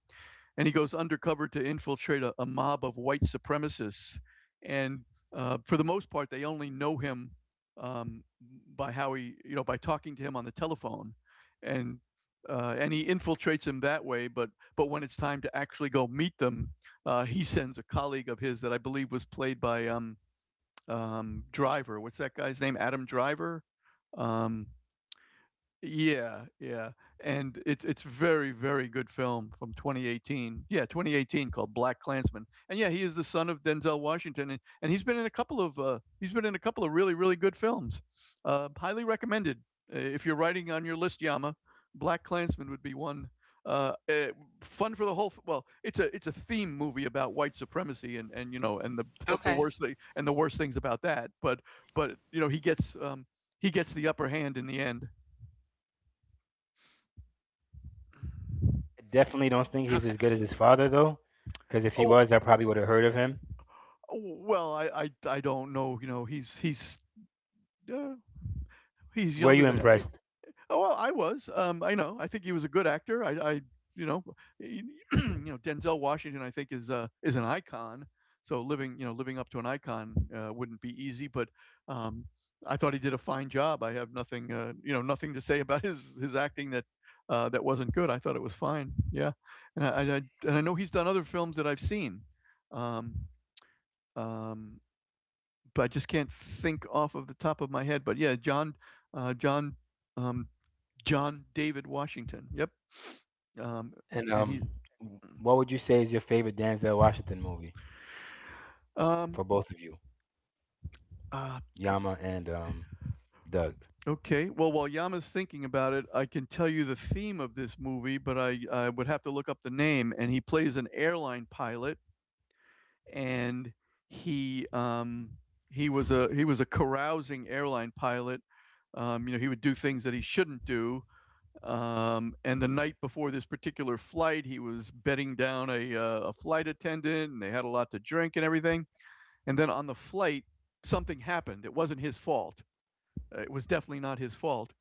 Speaker 1: and he goes undercover to infiltrate a mob of white supremacists. And for the most part, they only know him um, by how he, you know, by talking to him on the telephone, and and he infiltrates him that way. But when it's time to actually go meet them, he sends a colleague of his that I believe was played by Driver. What's that guy's name? Adam Driver. Um, yeah, yeah, and it's very very good film from 2018. Yeah, 2018, called Black Klansman. And yeah, he is the son of Denzel Washington, and he's been in a couple of he's been in a couple of really really good films. Highly recommended. If you're writing on your list, Yama, Black Klansman would be one. Uh, eh, Fun for the whole. Well, it's a theme movie about white supremacy and you know and the
Speaker 2: Okay.
Speaker 1: the worst things about that. But you know he gets the upper hand in the end.
Speaker 3: I definitely don't think he's as
Speaker 2: Okay.
Speaker 3: good as his father though, because if he
Speaker 1: Oh,
Speaker 3: was, I probably would have heard of him.
Speaker 1: well, I don't know, you know, uh, he's
Speaker 3: Were you
Speaker 1: younger than I.
Speaker 3: impressed?
Speaker 1: Oh, well, I was, I know, I think he was a good actor, I you know, you know, Denzel Washington, I think, is an icon, so living you know, living up to an icon, wouldn't be easy, but, um, I thought he did a fine job, I have nothing, you know, nothing to say about his acting that, that wasn't good, I thought it was fine, yeah, and I and I and I know he's done other films that I've seen, um, um, but I just can't think off of the top of my head. But yeah, John, um, John David Washington. Yep. Um,
Speaker 3: And
Speaker 1: and he.
Speaker 3: what would you say is your favorite Denzel Washington movie
Speaker 1: Um,
Speaker 3: for both of you,
Speaker 1: uh,
Speaker 3: Yama and Doug?
Speaker 1: okay. Well, while Yama's thinking about it, I can tell you the theme of this movie, but I would have to look up the name. And he plays an airline pilot, and he he was a carousing airline pilot. You know, he would do things that he shouldn't do. And the night before this particular flight, he was bedding down a flight attendant and they had a lot to drink and everything. And then on the flight, something happened. It wasn't his fault. It was definitely not his fault.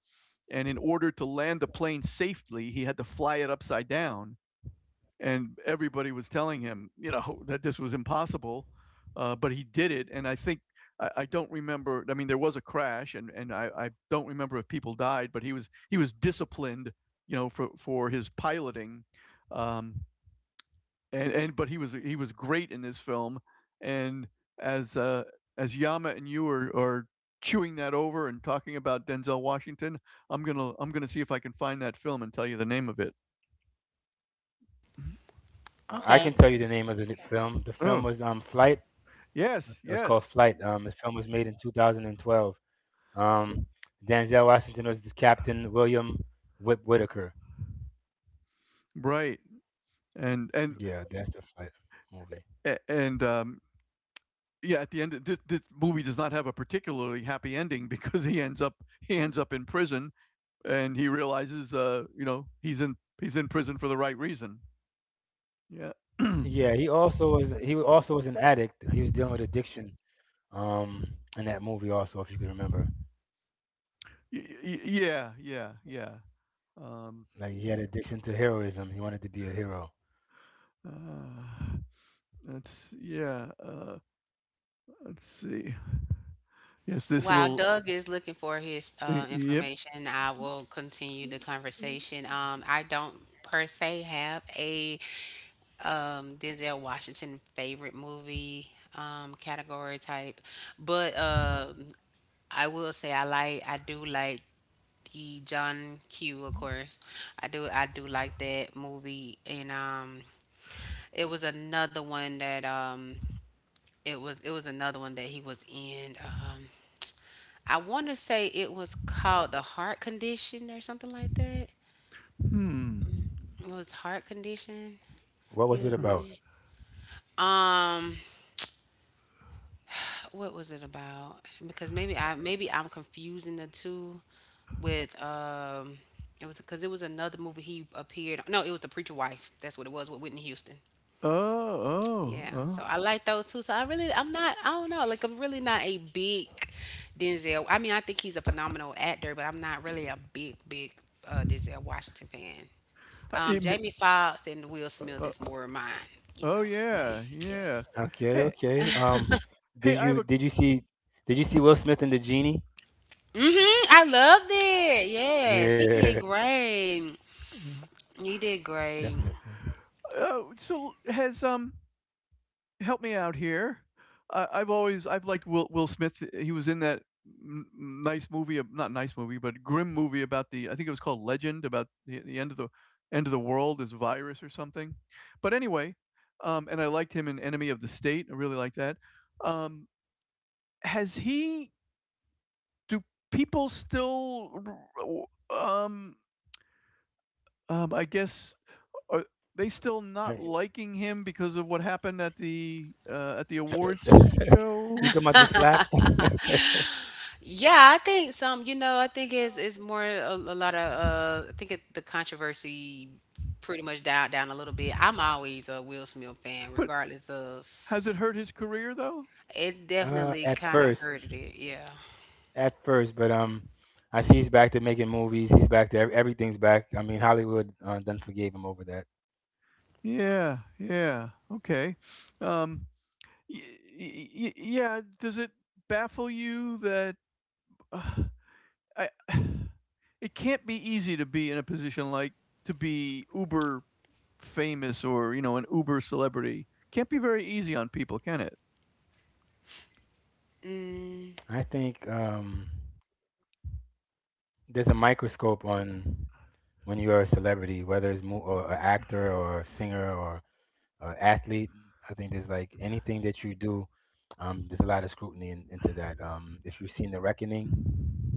Speaker 1: And in order to land the plane safely, he had to fly it upside down and everybody was telling him, you know, that this was impossible, but he did it. And I think I don't remember. I mean, there was a crash, and I don't remember if people died, but he was disciplined, you know, for his piloting, um, and but he was great in this film, and as uh, as Yama and you are chewing that over and talking about Denzel Washington, I'm gonna see if I can find that film and tell you the name of it.
Speaker 3: I can
Speaker 2: Okay.
Speaker 3: tell you the name of the film. The film
Speaker 1: Oh
Speaker 3: was Flight.
Speaker 1: yes,
Speaker 3: It was called
Speaker 1: yes.
Speaker 3: Flight. The film was made in 2012. Um, Denzel Washington was the Captain William Whip Whitaker.
Speaker 1: Right. And and
Speaker 3: Yeah, that's the Flight movie.
Speaker 1: and yeah, at the end this, this movie does not have a particularly happy ending because he ends up in prison and he realizes you know, he's in prison for the right reason. Yeah.
Speaker 3: Yeah, he also was an addict. He was dealing with addiction. Um, in that movie also, if you can remember.
Speaker 1: Yeah, yeah, yeah. Um
Speaker 3: Like he had addiction to heroism. He wanted to be a hero.
Speaker 1: uh let's yeah, uh let's see. Yes, this
Speaker 2: While
Speaker 1: little
Speaker 2: Doug is looking for his
Speaker 1: yep.
Speaker 2: information, I will continue the conversation. I don't per se have a Denzel Washington favorite movie category type, but I will say I like, I do like the John Q. Of course, I do like that movie. And it was another one that it was another one that he was in. I want to say it was called The Heart Condition or something like that.
Speaker 1: Hmm.
Speaker 2: It was Heart Condition
Speaker 3: What was it about?
Speaker 2: he was
Speaker 1: Huh.
Speaker 2: in. Um, what was it about? Because maybe I'm confusing the two with it was because it was another movie he appeared. No, it was the preacher wife. That's what it was with Whitney Houston.
Speaker 1: Oh, oh,
Speaker 2: Yeah, so
Speaker 1: oh.
Speaker 2: I like those two. So I really, I'm not, I don't know, like I'm really not a big Denzel. I mean, I think he's a phenomenal actor, but I'm not really a big, big Denzel Washington fan.
Speaker 1: It,
Speaker 2: Jamie Foxx and Will
Speaker 1: uh,
Speaker 2: Smith
Speaker 1: uh,
Speaker 2: is more of mine, you
Speaker 1: oh,
Speaker 2: know. Like,
Speaker 1: yeah,
Speaker 2: yeah.
Speaker 1: yeah.
Speaker 3: Okay,
Speaker 1: Hey
Speaker 3: okay.
Speaker 1: hey,
Speaker 3: Did
Speaker 1: I have
Speaker 3: you
Speaker 1: a
Speaker 3: did you see did you see Will Smith in the genie?
Speaker 2: Mm-hmm. I loved it. Yes, he did
Speaker 3: Yeah,
Speaker 2: great.
Speaker 1: Mhm.
Speaker 2: He did great.
Speaker 3: definitely.
Speaker 1: Oh, so has, help me out here. I I've always I've liked Will Smith, he was in that n n nice movie ab not nice movie, but grim movie about the I think it was called Legend, about the end of the world, this virus or something. But anyway, and I liked him in Enemy of the State, I really like that. Um, has he do People still um I guess are they still not
Speaker 3: Right.
Speaker 1: liking him because of what happened at the awards
Speaker 3: You
Speaker 1: show?
Speaker 3: talking about the slap?
Speaker 2: Yeah, I think some. You know, I think it's more a lot of. The controversy pretty much died down a little bit. I'm always a Will Smith fan,
Speaker 1: But
Speaker 2: regardless of.
Speaker 1: has it hurt his career though?
Speaker 2: It
Speaker 3: Uh,
Speaker 2: definitely
Speaker 3: at
Speaker 2: kind of
Speaker 3: first,
Speaker 2: hurted it. Yeah.
Speaker 3: at first, but I see he's back to making movies. He's back to everything's back. I mean, Hollywood done forgave him over that.
Speaker 1: Yeah, yeah, okay. Um, y- y- yeah. Does it baffle you that uh, I? It can't be easy to be in a position like to be uber famous or you know an uber celebrity. Can't be very easy on people, can it?
Speaker 2: Mm.
Speaker 3: I think. There's a microscope on when you are a celebrity, whether it's mo- or an actor or a singer or an athlete. I think there's like anything that you do, there's a lot of scrutiny into that. If you've seen The Reckoning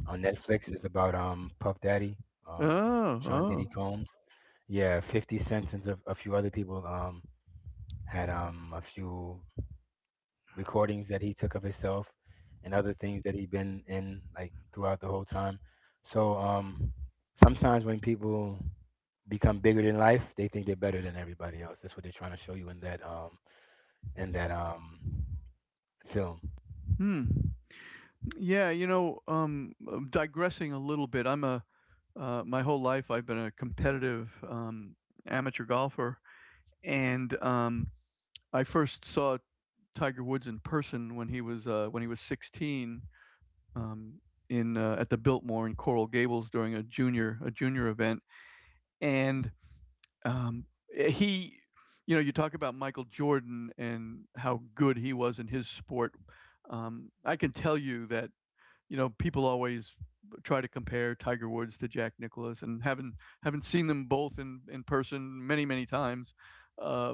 Speaker 3: on Netflix, it's about Puff Daddy, um,
Speaker 1: Oh,
Speaker 3: Sean Diddy
Speaker 1: oh,
Speaker 3: Combs. Yeah, 50 Cent and a few other people had a few recordings that he took of himself and other things that he been in like throughout the whole time. So sometimes when people become bigger than life, they think they're better than everybody else. That's what they're trying to show you in that film.
Speaker 1: hmm. Yeah, you know, digressing a little bit, I'm a my whole life I've been a competitive amateur golfer, and I first saw Tiger Woods in person when he was 16, um, in at the Biltmore in Coral Gables during a junior event, and um, eh, he, you know, you talk about Michael Jordan and how good he was in his sport. I can tell you that you know, people always try to compare Tiger Woods to Jack Nicklaus, and having seen them both in person many many times, uh,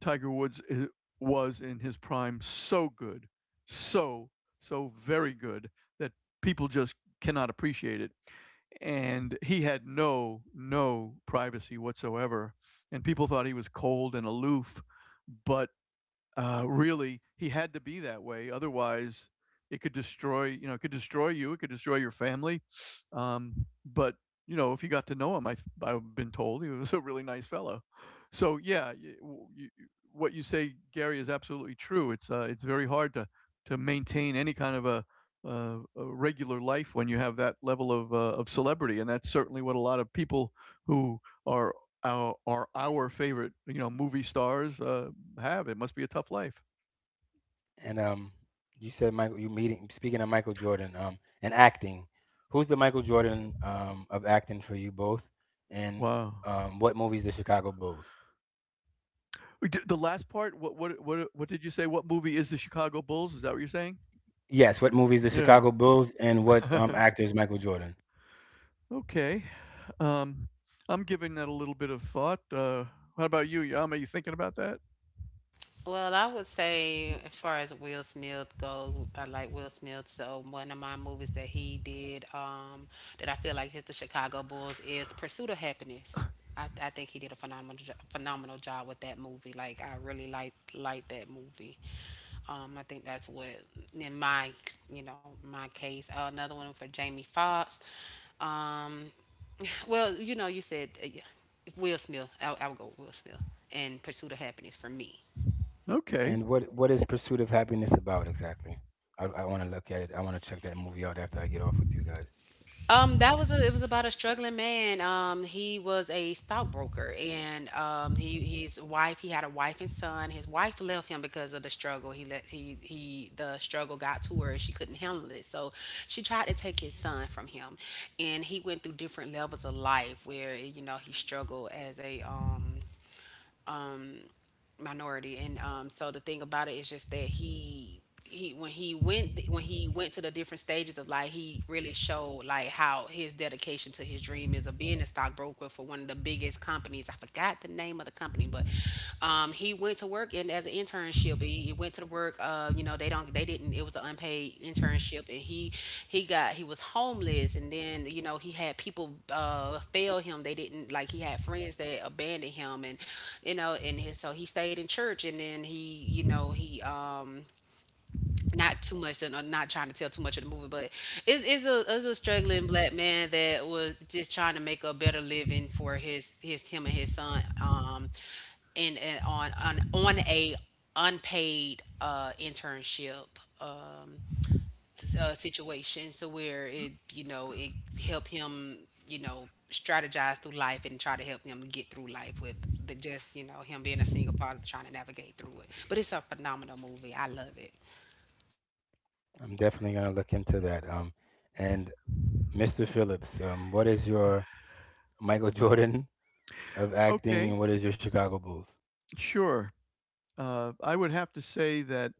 Speaker 1: Tiger Woods I was in his prime so good, so so very good that people just cannot appreciate it. And he had no no privacy whatsoever, and people thought he was cold and aloof, but really, he had to be that way. Otherwise, it could destroy, you know, it could destroy you. It could destroy your family. But you know, if you got to know him, I've been told he was a really nice fellow. So yeah, what you say, Gary, is absolutely true. It's very hard to maintain any kind of a regular life when you have that level of celebrity, and that's certainly what a lot of people who are are our favorite, you know, movie stars have. It must be a tough life.
Speaker 3: And you said Michael, you meeting speaking of Michael Jordan and acting. Who's the Michael Jordan of acting for you both? And
Speaker 1: Wow.
Speaker 3: what movies the Chicago Bulls?
Speaker 1: The last part. What did you say? What movie is the Chicago Bulls? Is that what you're saying?
Speaker 3: Yes, what movies the
Speaker 1: Yeah.
Speaker 3: Chicago Bulls and what actors Michael Jordan?
Speaker 1: Okay. Um, I'm giving that a little bit of thought. How about you, Yama? Are you thinking about that?
Speaker 2: Well, I would say, as far as Will Smith goes, I like Will Smith. So one of my movies that he did, that I feel like is the Chicago Bulls, is Pursuit of Happiness. I think he did a phenomenal job with that movie. I really like that movie. I think that's what in my you know my case. Another one for Jamie Foxx. Um, well, you know, you said Will Smith. I would go with Will Smith and Pursuit of Happiness for me.
Speaker 1: Okay.
Speaker 3: And what is Pursuit of Happiness about exactly? I want to look at it. I want to check that movie out after I get off with you guys.
Speaker 2: That was it was about a struggling man. He was a stockbroker, and he his wife he had a wife and son. His wife left him because of the struggle. He let he The struggle got to her, and she couldn't handle it. So she tried to take his son from him, and he went through different levels of life where you know he struggled as a um, minority, and um, so the thing about it is just that he when he went to the different stages of life, he really showed like how his dedication to his dream is of being a stockbroker for one of the biggest companies. I forgot the name of the company, but um, he went to work and as an internship. He went to the work. You know, they don't. They didn't. It was an unpaid internship, and he got he was homeless, and then you know he had people fail him. They didn't like he had friends that abandoned him, and you know, and his, so he stayed in church, and then he you know he not too much, I'm not trying to tell too much of the movie, but it's a struggling black man that was just trying to make a better living for his him and his son, and on a unpaid internship um situation, so where it you know it helped him you know strategize through life and try to help him get through life with the just you know him being a single father trying to navigate through it. But it's a phenomenal movie. I love it.
Speaker 3: I'm definitely gonna look into that. And Mr. Phillips, what is your Michael Jordan of acting,
Speaker 1: Okay.
Speaker 3: and what is your Chicago Bulls?
Speaker 1: Sure. I would have to say that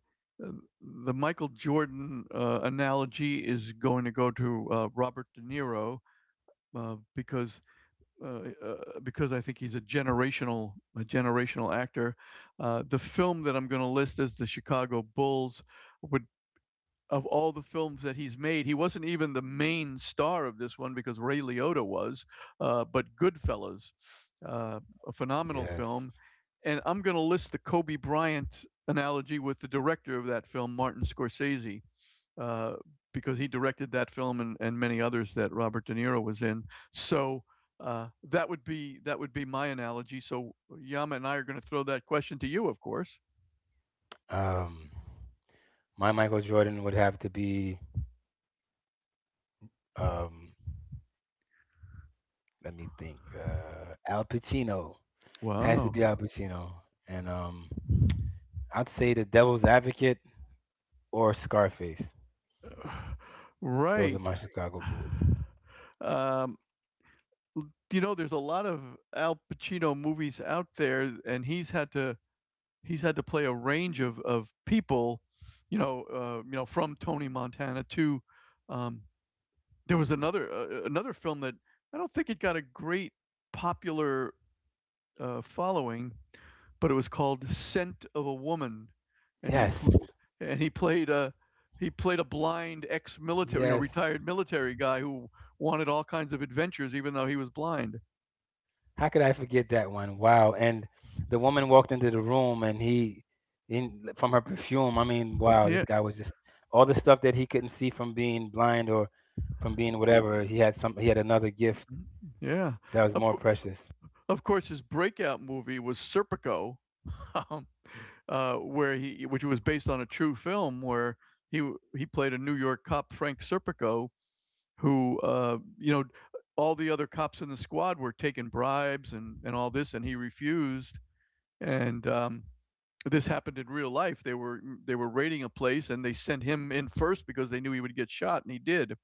Speaker 1: uh, the Michael Jordan analogy is going to go to Robert De Niro uh, because uh, uh, because I think he's a generational actor. The film that I'm going to list as the Chicago Bulls would, of all the films that he's made, he wasn't even the main star of this one because Ray Liotta was, but Goodfellas, uh, a phenomenal
Speaker 3: Yes.
Speaker 1: film. And I'm going to list the Kobe Bryant analogy with the director of that film, Martin Scorsese, uh, because he directed that film and many others that Robert De Niro was in. So that would be my analogy. So Yama and I are going to throw that question to you, of course.
Speaker 3: Um, my Michael Jordan would have to be. Um, Let me think. Al Pacino has to
Speaker 1: Wow.
Speaker 3: be Al Pacino, and I'd say the Devil's Advocate or Scarface. Those are
Speaker 1: Right.
Speaker 3: my Chicago Bulls.
Speaker 1: Um, you know, there's a lot of Al Pacino movies out there, and he's had to play a range of people. You know, from Tony Montana to um, there was another another film that I don't think it got a great popular following, but it was called Scent of a Woman, and
Speaker 3: Yes,
Speaker 1: he played a, he played a blind ex-military, you know,
Speaker 3: yes.
Speaker 1: retired military guy who wanted all kinds of adventures, even though he was blind.
Speaker 3: How could I forget that one? Wow. And the woman walked into the room and he, in, from her perfume, I mean, wow, this
Speaker 1: Yeah,
Speaker 3: guy was just all the stuff that he couldn't see from being blind or from being whatever. He had some, he had another gift
Speaker 1: yeah.
Speaker 3: that was
Speaker 1: Of
Speaker 3: more
Speaker 1: course,
Speaker 3: precious.
Speaker 1: of course, his breakout movie was Serpico, um, where he, which was based on a true film, where he played a New York cop, Frank Serpico, who, you know, all the other cops in the squad were taking bribes and all this, and he refused. And this happened in real life. They were they were raiding a place and they sent him in first because they knew he would get shot, and he did.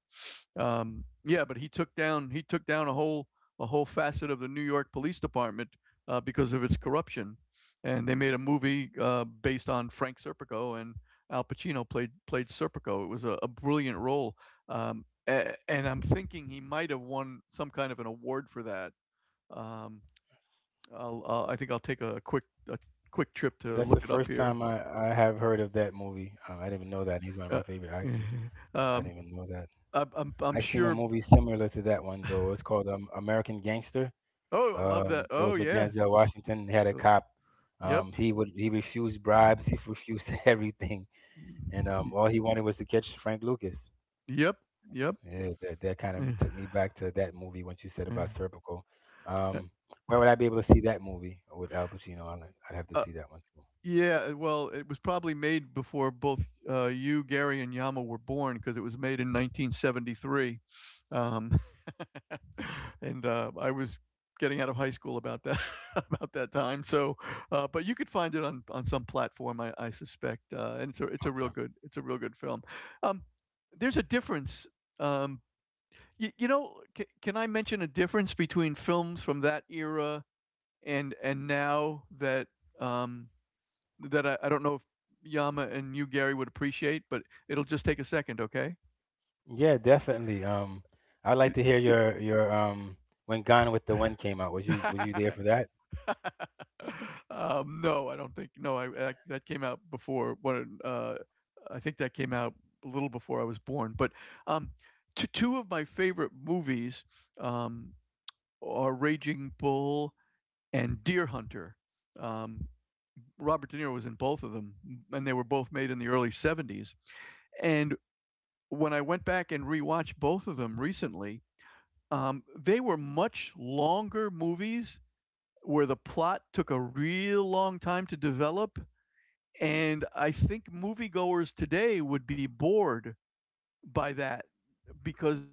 Speaker 1: Yeah, but he took down a whole facet of the New York Police Department because of its corruption, and they made a movie based on Frank Serpico, and Al Pacino played Serpico. It was a brilliant role, and I'm thinking he might have won some kind of an award for that. Um, I think I'll take a quick trip to
Speaker 3: That's the
Speaker 1: look it up
Speaker 3: first
Speaker 1: here.
Speaker 3: time I have heard of that movie. I didn't even know that. He's one of my
Speaker 1: Uh,
Speaker 3: favorite actors. I
Speaker 1: um,
Speaker 3: didn't even know that.
Speaker 1: I'm
Speaker 3: I seen a
Speaker 1: sure.
Speaker 3: movie similar to that one though. It's called American Gangster.
Speaker 1: Oh, I love that.
Speaker 3: It
Speaker 1: Oh,
Speaker 3: was with
Speaker 1: yeah.
Speaker 3: Denzel Washington. He had a
Speaker 1: Oh,
Speaker 3: cop.
Speaker 1: yep.
Speaker 3: He refused bribes. He refused everything, and
Speaker 1: Y-
Speaker 3: all he wanted was to catch Frank Lucas.
Speaker 1: Yep. Yep.
Speaker 3: Yeah, that kind
Speaker 1: Eh,
Speaker 3: of took me back to that movie when you said about
Speaker 1: eh.
Speaker 3: Serpico.
Speaker 1: Uh,
Speaker 3: Um, where would I be able to see that movie with Al Pacino? I'd have to
Speaker 1: Uh,
Speaker 3: see that one too.
Speaker 1: yeah, well, it was probably made before both you, Gary, and Yama were born because it was made in 1973. Um, and I was getting out of high school about that about that time. So, but you could find it on some platform, I suspect. And it's a, it's a
Speaker 3: Okay.
Speaker 1: real good it's a real good film. Um, there's a difference. Um, you, you know, can I mention a difference between films from that era and now that um, that I don't know if Yama and you, Gary, would appreciate, but it'll just take a second, okay?
Speaker 3: Yeah, definitely. I'd like to hear your your when Gone with the Wind came out. Was you there for that?
Speaker 1: No, I don't think. No, I that came out before, when I think that came out a little before I was born. But um, two of my favorite movies um, are Raging Bull and Deer Hunter. Um, Robert De Niro was in both of them, and they were both made in the early '70s. And when I went back and rewatched both of them recently, they were much longer movies where the plot took a real long time to develop. And I think moviegoers today would be bored by that because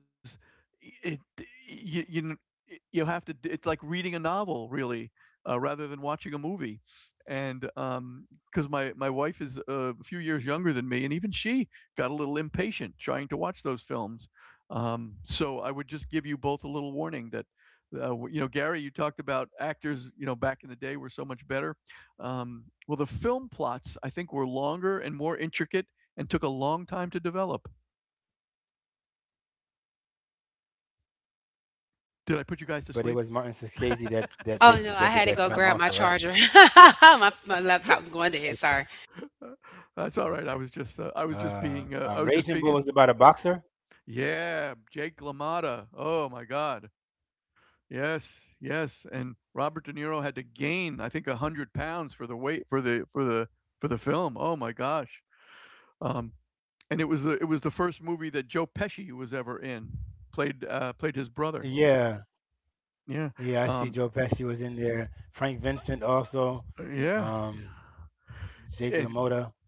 Speaker 1: it you you kn- y- you have to it's like reading a novel, really, rather than watching a movie. And because my wife is a few years younger than me, and even she got a little impatient trying to watch those films, so I would just give you both a little warning that you know, Gary, you talked about actors, you know, back in the day were so much better. Well, the film plots, I think, were longer and more intricate, and took a long time to develop.
Speaker 3: But it was
Speaker 1: Did I
Speaker 3: Martin
Speaker 1: put you guys to
Speaker 3: Scorsese
Speaker 1: sleep?
Speaker 3: that that did that did that film
Speaker 2: Oh no,
Speaker 3: also,
Speaker 2: I had
Speaker 3: right?
Speaker 2: to go grab my charger. My laptop's going dead. Sorry.
Speaker 1: Uh,
Speaker 3: Okay.
Speaker 1: that's all right. I was just being,
Speaker 3: Raging
Speaker 1: I
Speaker 3: Bull
Speaker 1: was
Speaker 3: was
Speaker 1: just
Speaker 3: about
Speaker 1: being,
Speaker 3: a
Speaker 1: an
Speaker 3: boxer.
Speaker 1: yeah, Jake LaMotta. Oh my God. Yes, yes. And Robert De Niro had to gain, I think, 100 pounds for the weight for the for the for the film. Oh my gosh. Um, and it was the, it was the first movie that Joe Pesci was ever in. Played played his brother.
Speaker 3: Yeah,
Speaker 1: Yeah.
Speaker 3: yeah. I see
Speaker 1: Um,
Speaker 3: Joe Pesci was in there. Frank Vincent also.
Speaker 1: yeah.
Speaker 3: Um, Jake
Speaker 1: And
Speaker 3: LaMotta.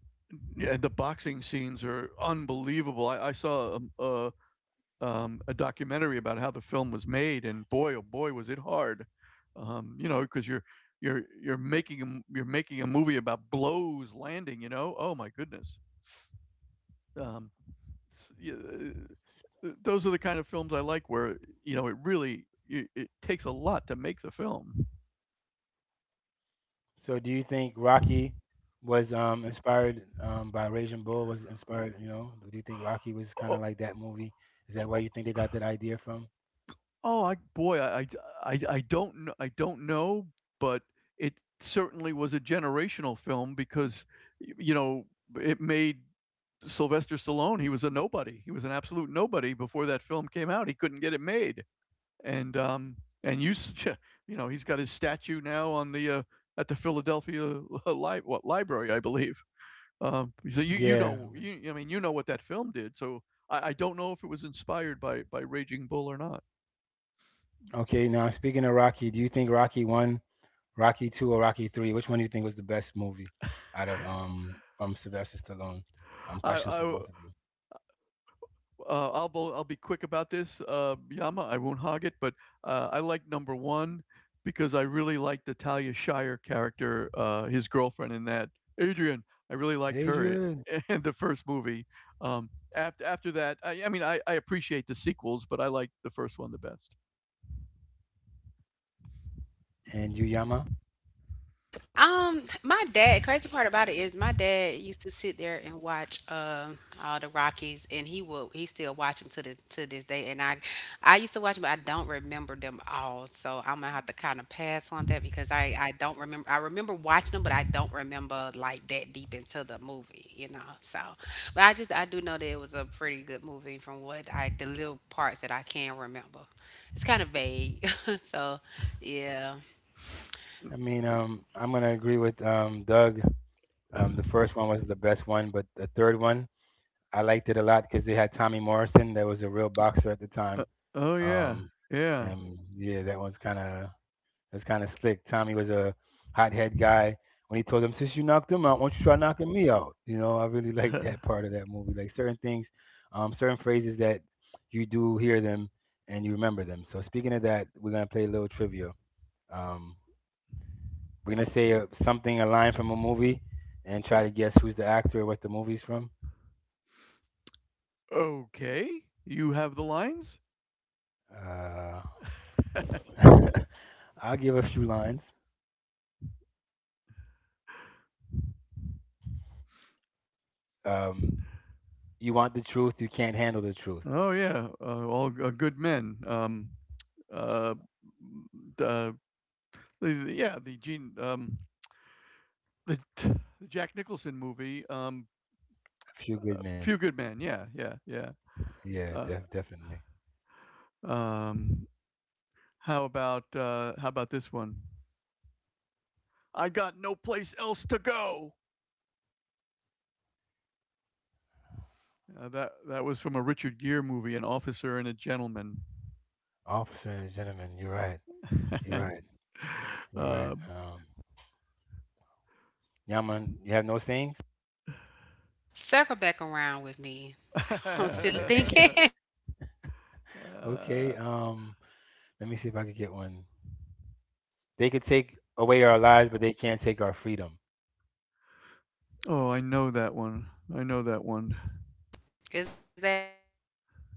Speaker 1: yeah, the boxing scenes are unbelievable. I saw a documentary about how the film was made, and boy, oh boy, was it hard. You know, because you're making a, you're making a movie about blows landing. You know, oh my goodness. Um, those are the kind of films I like, where you know it really it takes a lot to make the film.
Speaker 3: So, do you think Rocky was inspired by Raging Bull? Was inspired? You know, do you think Rocky was kind
Speaker 1: Oh,
Speaker 3: of like that movie? Is that where you think they got that idea from?
Speaker 1: boy, I don't know, I don't know, but it certainly was a generational film because you know it made Sylvester Stallone, he was a nobody. He was an absolute nobody before that film came out. He couldn't get it made, and um, and you, you know he's got his statue now on the at the Philadelphia what library, I believe. So you
Speaker 3: Yeah.
Speaker 1: know, you, I mean, you know what that film did. So I don't know if it was inspired by Raging Bull or not.
Speaker 3: Okay. Now, speaking of Rocky, do you think Rocky one, Rocky two, or Rocky three? Which one do you think was the best movie out of from Sylvester Stallone?
Speaker 1: I,
Speaker 3: Questions for
Speaker 1: I
Speaker 3: both of you.
Speaker 1: I'll be quick about this, Yama. I won't hog it, but I like number one because I really liked the Talia Shire character, his girlfriend in that. Adrian, I really liked her
Speaker 3: Adrian
Speaker 1: in the first movie. Um, After after that, I mean, I appreciate the sequels, but I like the first one the best.
Speaker 3: and Yuyama.
Speaker 2: My dad, crazy part about it is my dad used to sit there and watch all the Rockies, and he still watch them to the to this day, and I used to watch them, but I don't remember them all. So I'm gonna have to kind of pass on that, because I don't remember I remember watching them, but I don't remember like that deep into the movie, you know. So but I just I do know that it was a pretty good movie from what I the little parts that I can remember. It's kind of vague. So, yeah.
Speaker 3: I mean, I'm gonna agree with Doug. The first one was the best one, but the third one I liked it a lot because they had Tommy Morrison, that was a real boxer at the
Speaker 1: Uh,
Speaker 3: time.
Speaker 1: oh yeah,
Speaker 3: Um,
Speaker 1: yeah.
Speaker 3: and yeah, that was kind of that's kind of slick. Tommy was a hothead guy. When he told him, "Since you knocked him out, why don't you try knocking me out?" You know, I really liked that part of that movie. Like certain things, certain phrases that you do hear them and you remember them. So speaking of that, we're gonna play a little trivia. Um, We're gonna say something, a line from a movie, and try to guess who's the actor, or what the movie's from.
Speaker 1: Okay, you have the lines.
Speaker 3: Uh, I'll give a few lines. Um, you want the truth, you can't handle the truth.
Speaker 1: Oh yeah, good men. Uh, uh, the yeah, the Gene, the the Jack Nicholson movie,
Speaker 3: A few good men.
Speaker 1: Few Good Men. Yeah, yeah, yeah.
Speaker 3: Yeah,
Speaker 1: Uh,
Speaker 3: definitely.
Speaker 1: um, how about how about this one? I got no place else to go. That that was from a Richard Gere movie, An Officer and a Gentleman.
Speaker 3: Officer and gentleman, you're right. You're
Speaker 1: um,
Speaker 3: right. You're
Speaker 1: uh,
Speaker 3: right. Yaman, you have no sayings?
Speaker 2: Circle back around with me. I'm still
Speaker 3: Okay.
Speaker 2: thinking.
Speaker 3: Okay. Let me see if I could get one. They could take away our lives, but they can't take our freedom.
Speaker 1: oh, I know that one. I know that one.
Speaker 2: Is that Black Panther?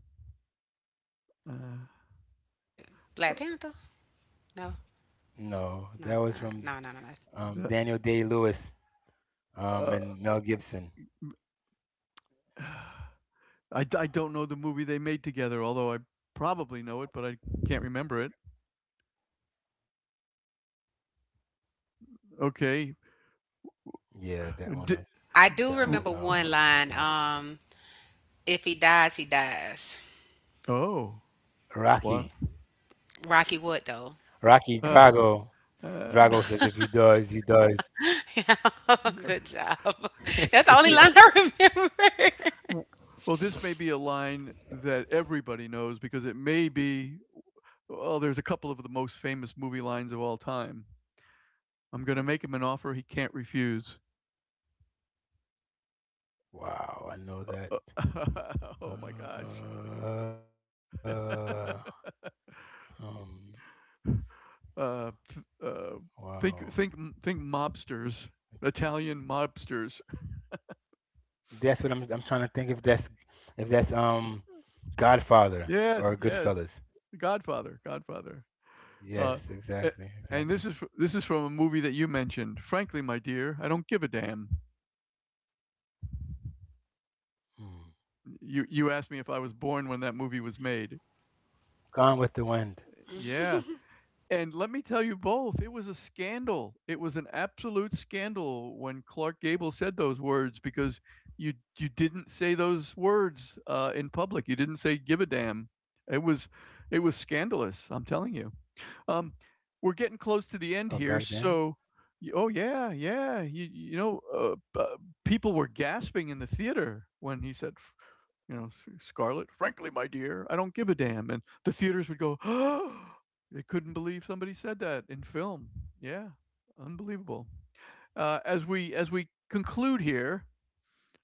Speaker 2: No,
Speaker 1: Uh,
Speaker 2: no, it's not. No, no, no, no.
Speaker 3: No, that was from Daniel Day Lewis.
Speaker 1: uh,
Speaker 3: And Mel Gibson.
Speaker 1: uh, I don't know the movie they made together, although I probably know it, but I can't remember it. Okay.
Speaker 3: Yeah, that one was that one was
Speaker 2: I do
Speaker 3: um
Speaker 1: D-
Speaker 2: remember one line.
Speaker 3: tricky.
Speaker 2: If he dies, he dies.
Speaker 1: oh,
Speaker 3: Rocky,
Speaker 1: what?
Speaker 2: Rocky Wood, though.
Speaker 3: Rocky
Speaker 1: Uh,
Speaker 3: Drago.
Speaker 1: uh,
Speaker 3: Drago says, "If he does, he does."
Speaker 2: Good job. That's the only line I remember.
Speaker 1: well, this may be a line that everybody knows because it may be, well, there's a couple of the most famous movie lines of all time. I'm going to make him an offer he can't refuse.
Speaker 3: Wow, I know
Speaker 1: Uh,
Speaker 3: that.
Speaker 1: oh my
Speaker 3: Uh,
Speaker 1: gosh.
Speaker 3: um,
Speaker 1: Uh, uh,
Speaker 3: wow.
Speaker 1: think, think mobsters, Italian mobsters.
Speaker 3: That's what I'm. I'm trying to think if that's if that's um Godfather
Speaker 1: Yes,
Speaker 3: or
Speaker 1: yes.
Speaker 3: Goodfellas.
Speaker 1: The Godfather, Godfather. Uh,
Speaker 3: Yes,
Speaker 1: a-
Speaker 3: exactly,
Speaker 1: and this
Speaker 3: exactly.
Speaker 1: is this is from a movie that you mentioned. Frankly, my dear, I don't give a damn.
Speaker 3: Hmm.
Speaker 1: You asked me if I was born when that movie was made.
Speaker 3: Gone with the Wind.
Speaker 1: Yeah. And let me tell you both, it was a scandal. It was an absolute scandal when Clark Gable said those words because you didn't say those words in public. You didn't say give a damn. It was, it was scandalous, I'm telling you. Um, we're getting close
Speaker 3: Or
Speaker 1: to the
Speaker 3: back
Speaker 1: end
Speaker 3: then.
Speaker 1: here, so y oh, yeah, yeah, you know, bu people were gasping in the theater when he said, f you know, S Scarlett, "Frankly, my dear, I don't give a damn," and the theaters would go, they couldn't believe somebody said that in film. Yeah, unbelievable. As we as we conclude here,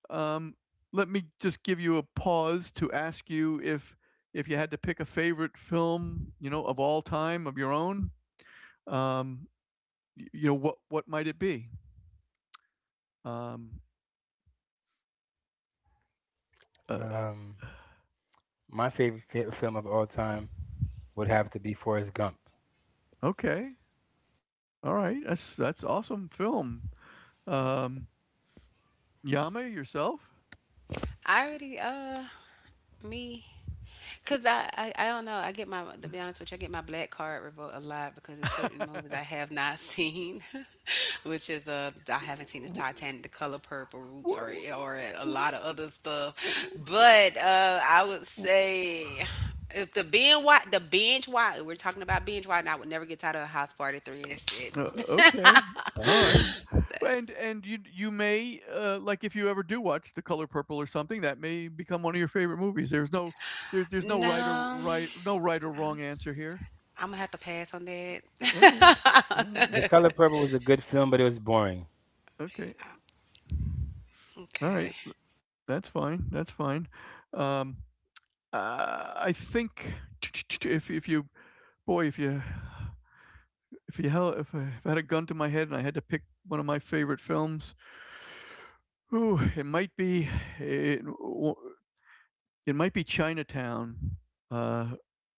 Speaker 1: um, let me just give you a pause to ask you if you had to pick a favorite film, you know, of all time of your own, um, y you know, what might it be? Um, uh,
Speaker 3: Um, my favorite film of all time would have to be Forrest Gump.
Speaker 1: okay. All right. That's awesome film. Um, Yame, yourself?
Speaker 2: I already, me. Cause I don't know. I get my to be honest with you, I get my black card revoked a lot, because it's certain movies I have not seen, which is uh, I haven't seen the Titanic, The Color Purple, Roots, or a lot of other stuff. But I would say if the binge watch we're talking about binge watch, and I would never get tired of House Party Three. That's it.
Speaker 1: Okay. All right.
Speaker 3: Okay.
Speaker 1: And you, you may, like, if you ever do watch The Color Purple or something, that may become one of your favorite movies. There's no, there's no right or
Speaker 2: No,
Speaker 1: right no right or wrong answer here.
Speaker 2: I'm gonna have to pass on that.
Speaker 1: Mm, alright.
Speaker 3: The Color Purple was a good film, but it was boring.
Speaker 1: Okay. All right,
Speaker 2: Okay.
Speaker 1: that's fine. That's fine. Um, I think, if you, boy, if you held if I had a gun to my head and I had to pick one of my favorite films, ooh, it might be it w- it might be Chinatown, uh,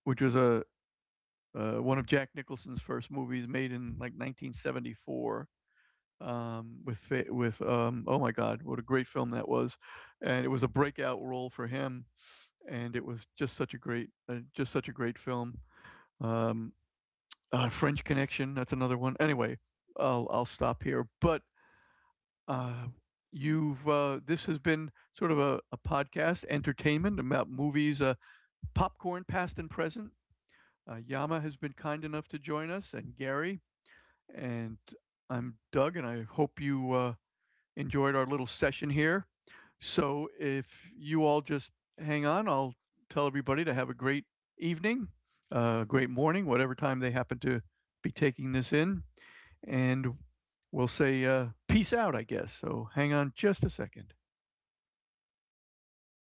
Speaker 1: which was a one of Jack Nicholson's first movies made in like 1974, with oh my God, what a great film that was, and it was a breakout role for him, and it was just such a great just such a great film. Um, French Connection, that's another one. Anyway, I'll stop here, but. Uh, you've, this has been sort of a podcast entertainment about movies. Popcorn past and present. Yama has been kind enough to join us, and Gary, and I'm Doug, and I hope you enjoyed our little session here. So if you all just hang on, I'll tell everybody to have a great evening, a great morning, whatever time they happen to be taking this in. And we'll say peace out, I guess. So hang on just a second.